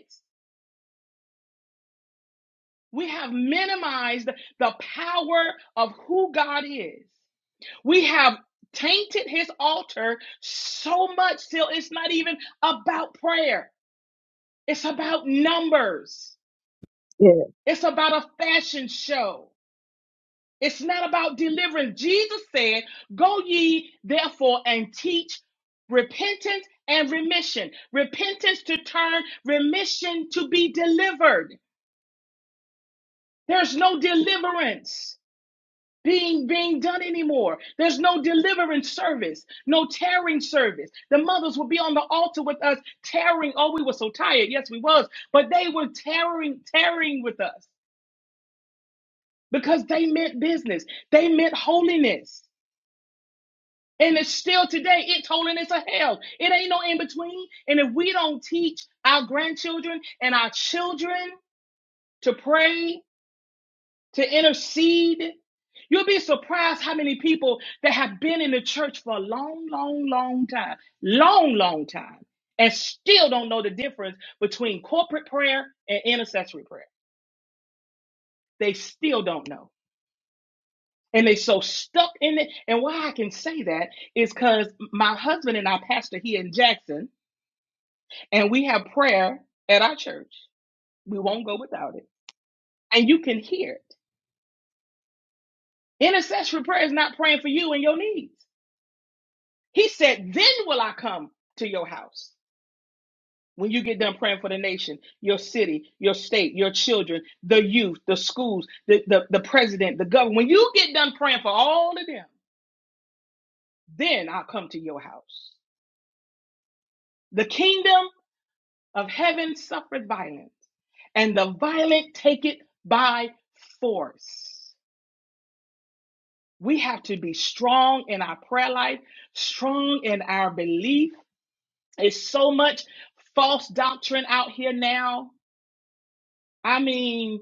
We have minimized the power of who God is. We have tainted his altar so much till it's not even about prayer, it's about numbers,
Yeah.
it's about a fashion show. It's not about deliverance. Jesus said, Go ye therefore and teach repentance and remission. Repentance to turn, remission to be delivered. There's no deliverance being being done anymore. There's no deliverance service, no tearing service. The mothers will be on the altar with us tearing. Oh, we were so tired. Yes, we was, but they were tearing, tearing with us because they meant business. They meant holiness. And it's still today, it's holiness of hell. It ain't no in between. And if we don't teach our grandchildren and our children to pray, to intercede, you'll be surprised how many people that have been in the church for a long, long, long time, long, long time, and still don't know the difference between corporate prayer and intercessory prayer. They still don't know. And they so stuck in it. And why I can say that is because my husband and our pastor here in Jackson, and we have prayer at our church. We won't go without it. And you can hear it. Intercessory prayer is not praying for you and your needs. He said, Then will I come to your house. When you get done praying for the nation, your city, your state, your children, the youth, the schools, the, the, the president, the government, when you get done praying for all of them, then I'll come to your house. The kingdom of heaven suffereth violence, and the violent take it by force. We have to be strong in our prayer life, strong in our belief. It's so much false doctrine out here now. I mean,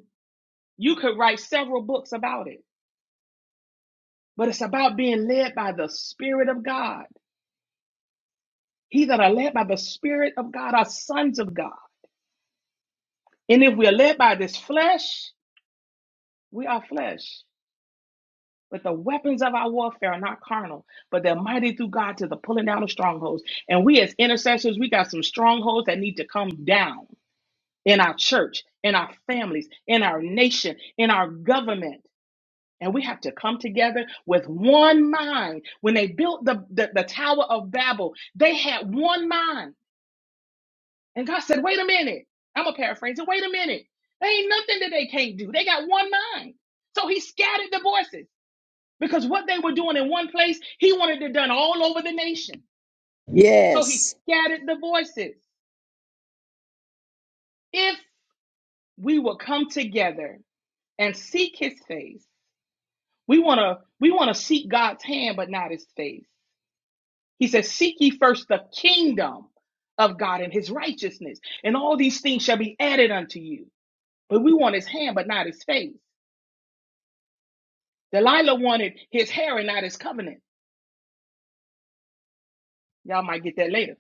you could write several books about it, but it's about being led by the Spirit of God. He that are led by the Spirit of God are sons of God. And if we are led by this flesh, we are flesh. But the weapons of our warfare are not carnal, but they're mighty through God to the pulling down of strongholds. And we as intercessors, we got some strongholds that need to come down in our church, in our families, in our nation, in our government. And we have to come together with one mind. When they built the, the, the Tower of Babel, they had one mind. And God said, wait a minute. I'm going to paraphrase it. Wait a minute. There ain't nothing that they can't do. They got one mind. So he scattered the voices because what they were doing in one place, he wanted it done all over the nation. So he
Yes.
scattered the voices. If we will come together and seek his face, we want to we want to seek God's hand but not his face. He says, "Seek ye first the kingdom of God and his righteousness, and all these things shall be added unto you." But we want his hand but not his face. Delilah wanted his hair and not his covenant. Y'all might get that later.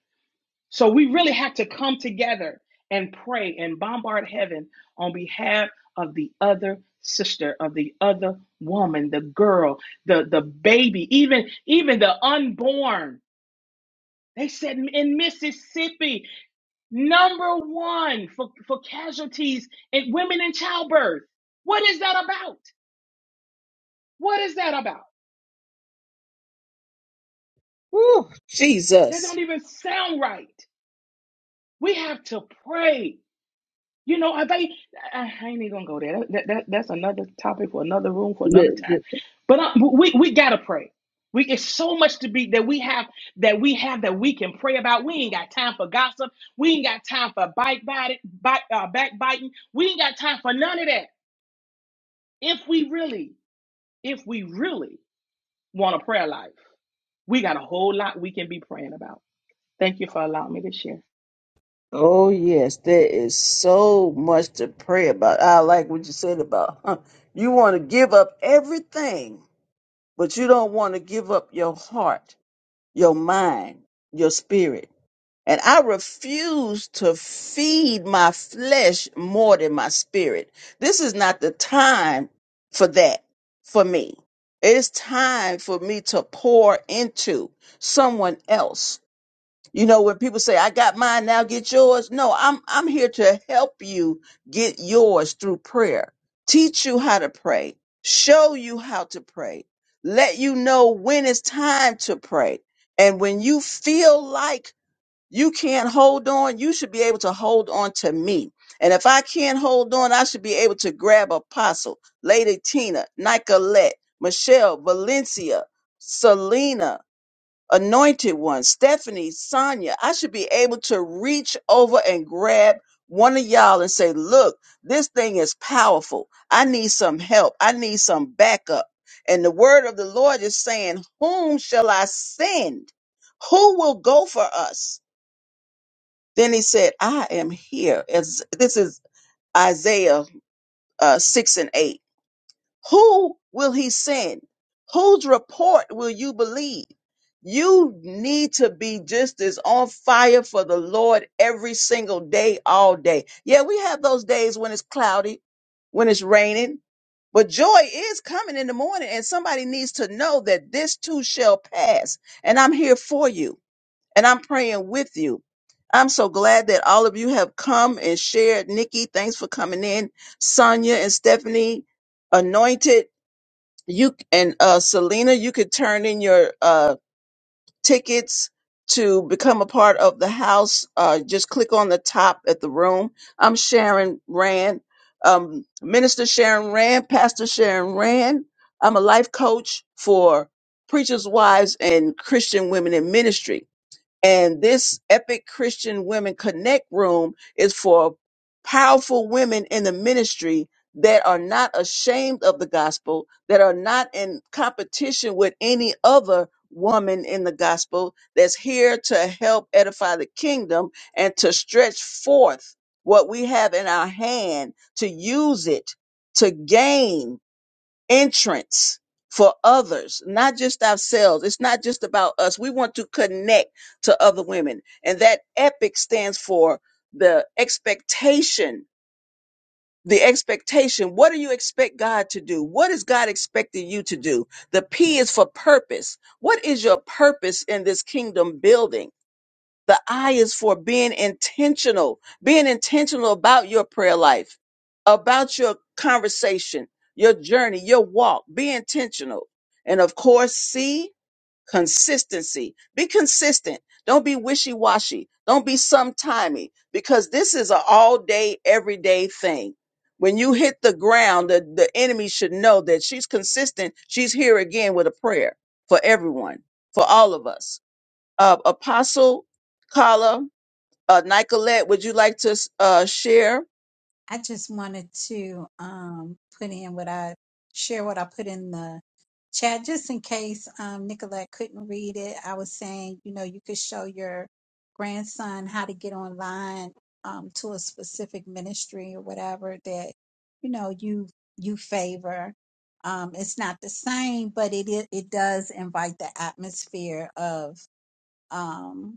So we really have to come together and pray and bombard heaven on behalf of the other sister, of the other woman, the girl, the, the baby, even, even the unborn. They said in Mississippi, number one for, for casualties in women in childbirth. What is that about? What is that about?
Woo,
That
Jesus.
don't even sound right. We have to pray. You know, I think I, I ain't even gonna go there. That, that that's another topic for another room for another
The-
time.
the-
But uh, we we gotta pray. We it's so much to be that we have that we have that we can pray about. We ain't got time for gossip. We ain't got time for bite bite, bite uh, backbiting. We ain't got time for none of that. If we really, if we really want a prayer life, we got a whole lot we can be praying about. Thank you for allowing me to share.
oh yes, there is so much to pray about. I like what you said about huh, you want to give up everything, but you don't want to give up your heart, your mind, your spirit. And I refuse to feed my flesh more than my spirit. This is not the time for that for me. It's time for me to pour into someone else You know, when people say, I got mine, now get yours. No, I'm, I'm here to help you get yours through prayer, teach you how to pray, show you how to pray, let you know when it's time to pray. And when you feel like you can't hold on, you should be able to hold on to me. And if I can't hold on, I should be able to grab Apostle, Lady Tina, Nicolette, Michelle, Valencia, Selena, anointed ones, Stephanie, Sonia, I should be able to reach over and grab one of y'all and say, look, this thing is powerful. I need some help. I need some backup. And the word of the Lord is saying, whom shall I send? Who will go for us? Then he said, I am here. As this is Isaiah uh, 6 and 8. Who will he send? Whose report will you believe? You need to be just as on fire for the Lord every single day, all day. Yeah, we have those days when it's cloudy, when it's raining, but joy is coming in the morning, and somebody needs to know that this too shall pass, and I'm here for you and I'm praying with you. I'm so glad that all of you have come and shared. Nikki, thanks for coming in. Sonia and Stephanie, anointed. You and uh, Selena, you could turn in your uh, tickets to become a part of the house. Uh, just click on the top at the room. I'm Sharon Rand, um, Minister Sharon Rand, Pastor Sharon Rand. I'm a life coach for preachers' wives and Christian women in ministry and this Epic Christian Women Connect room is for powerful women in the ministry that are not ashamed of the gospel, that are not in competition with any other woman in the gospel, that's here to help edify the kingdom and to stretch forth what we have in our hand, to use it to gain entrance for others, not just ourselves. It's not just about us. We want to connect to other women. And that epic stands for the expectation. The expectation. What do you expect God to do? What is God expecting you to do? The P is for purpose. What is your purpose in this kingdom building? The I is for being intentional, being intentional about your prayer life, about your conversation, your journey, your walk. Be intentional. And of course, C, consistency. Be consistent. Don't be wishy washy. Don't be sometimey because this is an all day, everyday thing. When you hit the ground, the, the enemy should know that she's consistent. She's here again with a prayer for everyone, for all of us. Uh, Apostle Carla uh, Nicolette, would you like to uh, share?
I just wanted to um, put in what I share what I put in the chat just in case um, Nicolette couldn't read it. I was saying, you know, you could show your grandson how to get online um, to a specific ministry or whatever that you know you you favor. Um, it's not the same, but it i- it does invite the atmosphere of. Um,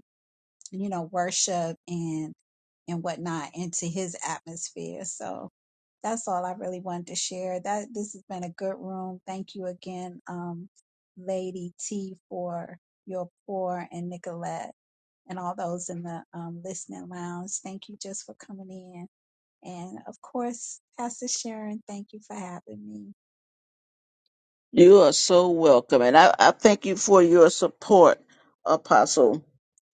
you know, worship and and whatnot into his atmosphere. So that's all I really wanted to share. That this has been a good room. Thank you again, um, Lady T for your pour and Nicolette and all those in the um, listening lounge. Thank you just for coming in. And of course, Pastor Sharon, thank you for having me.
You are so welcome. And I, I thank you for your support, Apostle,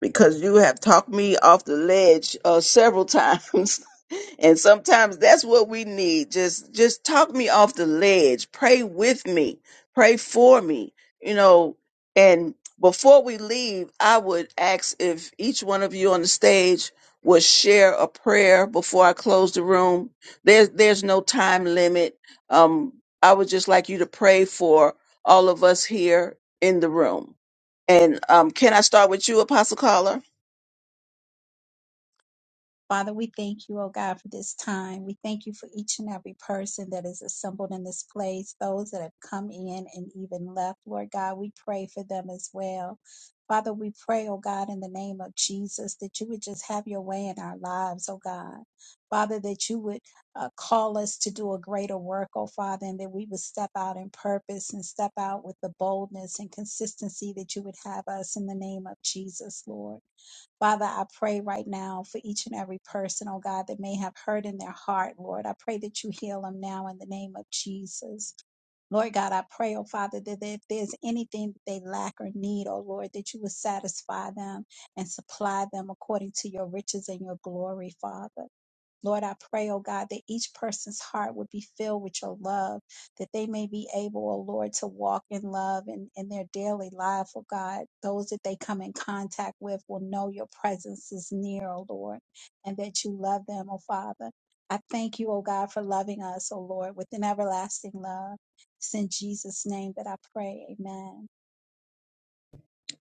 because you have talked me off the ledge uh, several times. and sometimes that's what we need. Just just talk me off the ledge. Pray with me. Pray for me. You know, and before we leave, I would ask if each one of you on the stage would share a prayer before I close the room. There's there's no time limit. Um, I would just like you to pray for all of us here in the room. And um, can I start with you, Apostle Caller?
Father, we thank you, oh God, for this time. We thank you for each and every person that is assembled in this place, those that have come in and even left. Lord God, we pray for them as well. Father, we pray, oh God, in the name of Jesus, that you would just have your way in our lives, oh God. Father, that you would uh, call us to do a greater work, oh Father, and that we would step out in purpose and step out with the boldness and consistency that you would have us in the name of Jesus, Lord. Father, I pray right now for each and every person, oh God, that may have hurt in their heart, Lord. I pray that you heal them now in the name of Jesus. Lord God, I pray, oh Father, that if there's anything that they lack or need, oh Lord, that you would satisfy them and supply them according to your riches and your glory, Father. Lord, I pray, oh God, that each person's heart would be filled with your love, that they may be able, oh Lord, to walk in love in, in their daily life, oh God. Those that they come in contact with will know your presence is near, oh Lord, and that you love them, oh Father. I thank you, oh God, for loving us, oh Lord, with an everlasting love. It's in Jesus' name that I pray. Amen.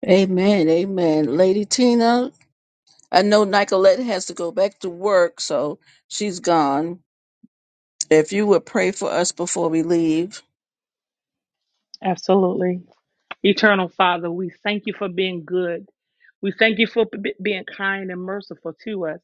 Amen, amen. Lady Tina, I know Nicolette has to go back to work, so she's gone. If you would pray for us before we leave.
Absolutely. Eternal Father, we thank you for being good. We thank you for b- being kind and merciful to us.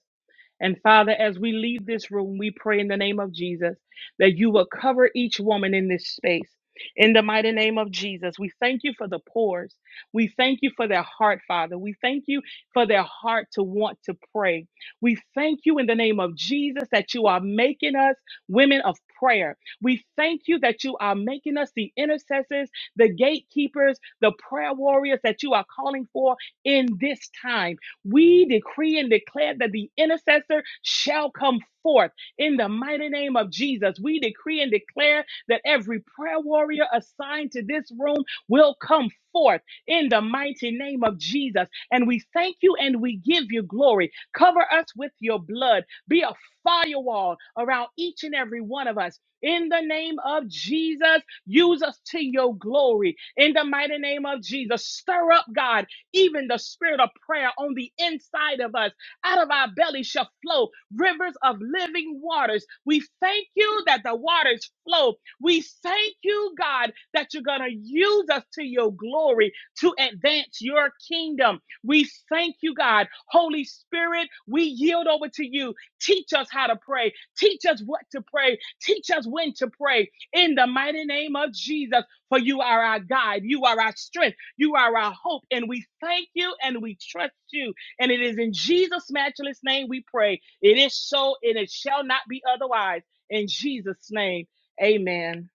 And Father, as we leave this room, we pray in the name of Jesus that you will cover each woman in this space. In the mighty name of Jesus, we thank you for the pores. We thank you for their heart, Father. We thank you for their heart to want to pray. We thank you in the name of Jesus that you are making us women of prayer. We thank you that you are making us the intercessors, the gatekeepers, the prayer warriors that you are calling for in this time. We decree and declare that the intercessor shall come forth in the mighty name of Jesus. We decree and declare that every prayer warrior assigned to this room will come forth in the mighty name of Jesus. And we thank you and we give you glory. Cover us with your blood. Be a firewall around each and every one of us. In the name of Jesus, use us to your glory. In the mighty name of Jesus, stir up, God even the spirit of prayer on the inside of us. Out of our belly shall flow rivers of living waters. We thank you that the waters flow. We thank you, God, that you're going to use us to your glory to advance your kingdom. We thank you, God. Holy Spirit, we yield over to you. Teach us how to pray. Teach us what to pray. Teach us when to pray. In the mighty name of Jesus, for you are our guide. You are our strength. You are our hope, and we thank you and we trust you. And it is in Jesus' matchless name we pray. It is so, and it shall not be otherwise. In Jesus' name, amen.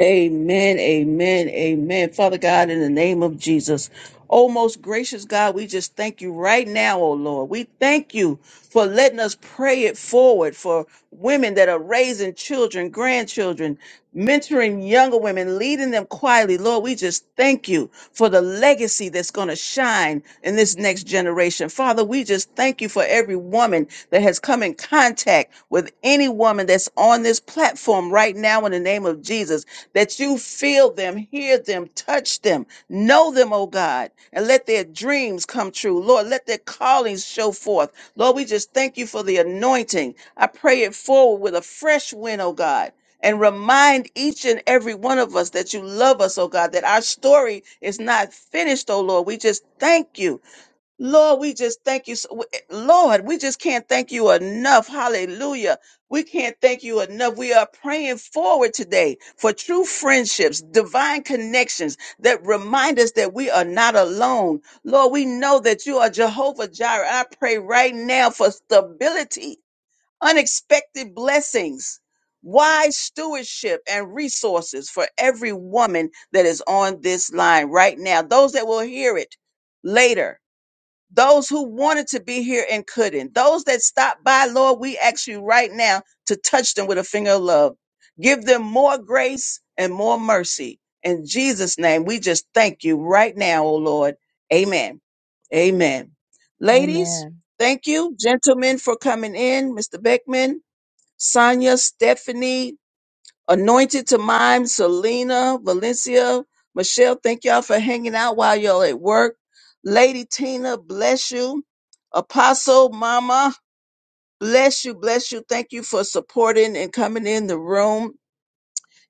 Amen, amen, amen. Father God, in the name of Jesus, oh most gracious God, we just thank you right now, oh Lord. We thank you for letting us pray it forward for women that are raising children, grandchildren, mentoring younger women, leading them quietly. Lord, we just thank you for the legacy that's going to shine in this next generation. Father, we just thank you for every woman that has come in contact with any woman that's on this platform right now in the name of Jesus that you feel them, hear them, touch them, know them, oh God, and let their dreams come true. Lord, let their callings show forth. Lord, we just thank you for the anointing. I pray it forward with a fresh wind, oh God. And remind each and every one of us that you love us, oh God, that our story is not finished, oh Lord. We just thank you Lord, we just thank you. so- Lord, we just can't thank you enough. Hallelujah. We can't thank you enough. We are praying forward today for true friendships, divine connections that remind us that we are not alone. Lord, we know that you are Jehovah Jireh. I pray right now for stability, unexpected blessings, wise stewardship, and resources for every woman that is on this line right now. Those that will hear it later those who wanted to be here and couldn't, those that stopped by, Lord, we ask you right now to touch them with a finger of love. Give them more grace and more mercy. In Jesus' name, we just thank you right now, oh Lord. Amen. Amen. Ladies,
Amen.
thank you. Gentlemen, for coming in. Mr. Beckman, Sonia, Stephanie, Anointed to Mime, Selena, Valencia, Michelle, thank y'all for hanging out while y'all at work. Lady Tina, bless you. Apostle Mama, bless you, bless you. Thank you for supporting and coming in the room.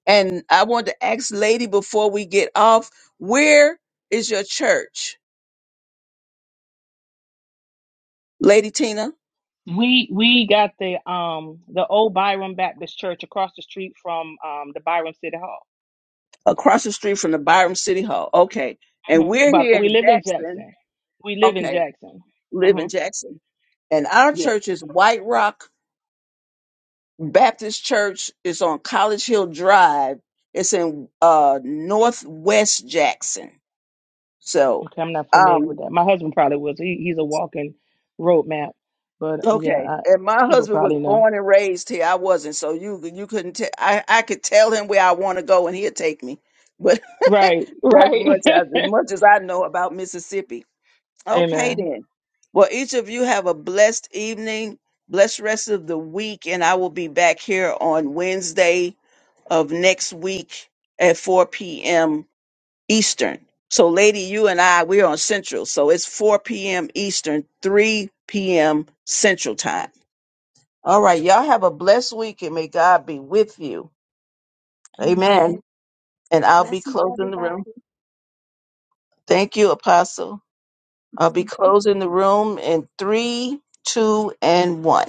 And I want to ask Lady before we get off, where is your church? Lady Tina,
We we got the um the old Byron Baptist Church across the street from um the Byron City Hall.
across the street from the Byram City Hall. Okay. And
Mhm.
we're
But
here
we
in
live in
Jackson.
Jackson. We live in
Okay.
Jackson.
Live
hmm
in Jackson. And our
Yes.
church is White Rock Baptist Church is on College Hill Drive. It's in uh Northwest Jackson. So,
Okay, I'm not familiar with
um,
that. My husband probably was. He, he's a walking road map, but yeah,
okay.
I,
And my
he would
husband was
probably know.
born and raised here. I wasn't, so you you couldn't. Te- I I could tell him where I want to go, and he'd take me. But
Right,
that's
right.
much as as much as I know about Mississippi. Okay,
Amen.
then. Well, each of you have a blessed evening, blessed rest of the week, and I will be back here on Wednesday of next week at 4 p.m. Eastern. So, lady, you and I, we're on Central. So it's 4 p.m. Eastern, 3 p.m. Central time. All right. Y'all have a blessed week and may God be with you.
Amen.
Amen. And I'll be
Blessings,
closing the room.
everybody.
Thank you, Apostle. I'll be closing the room in three, two, and one.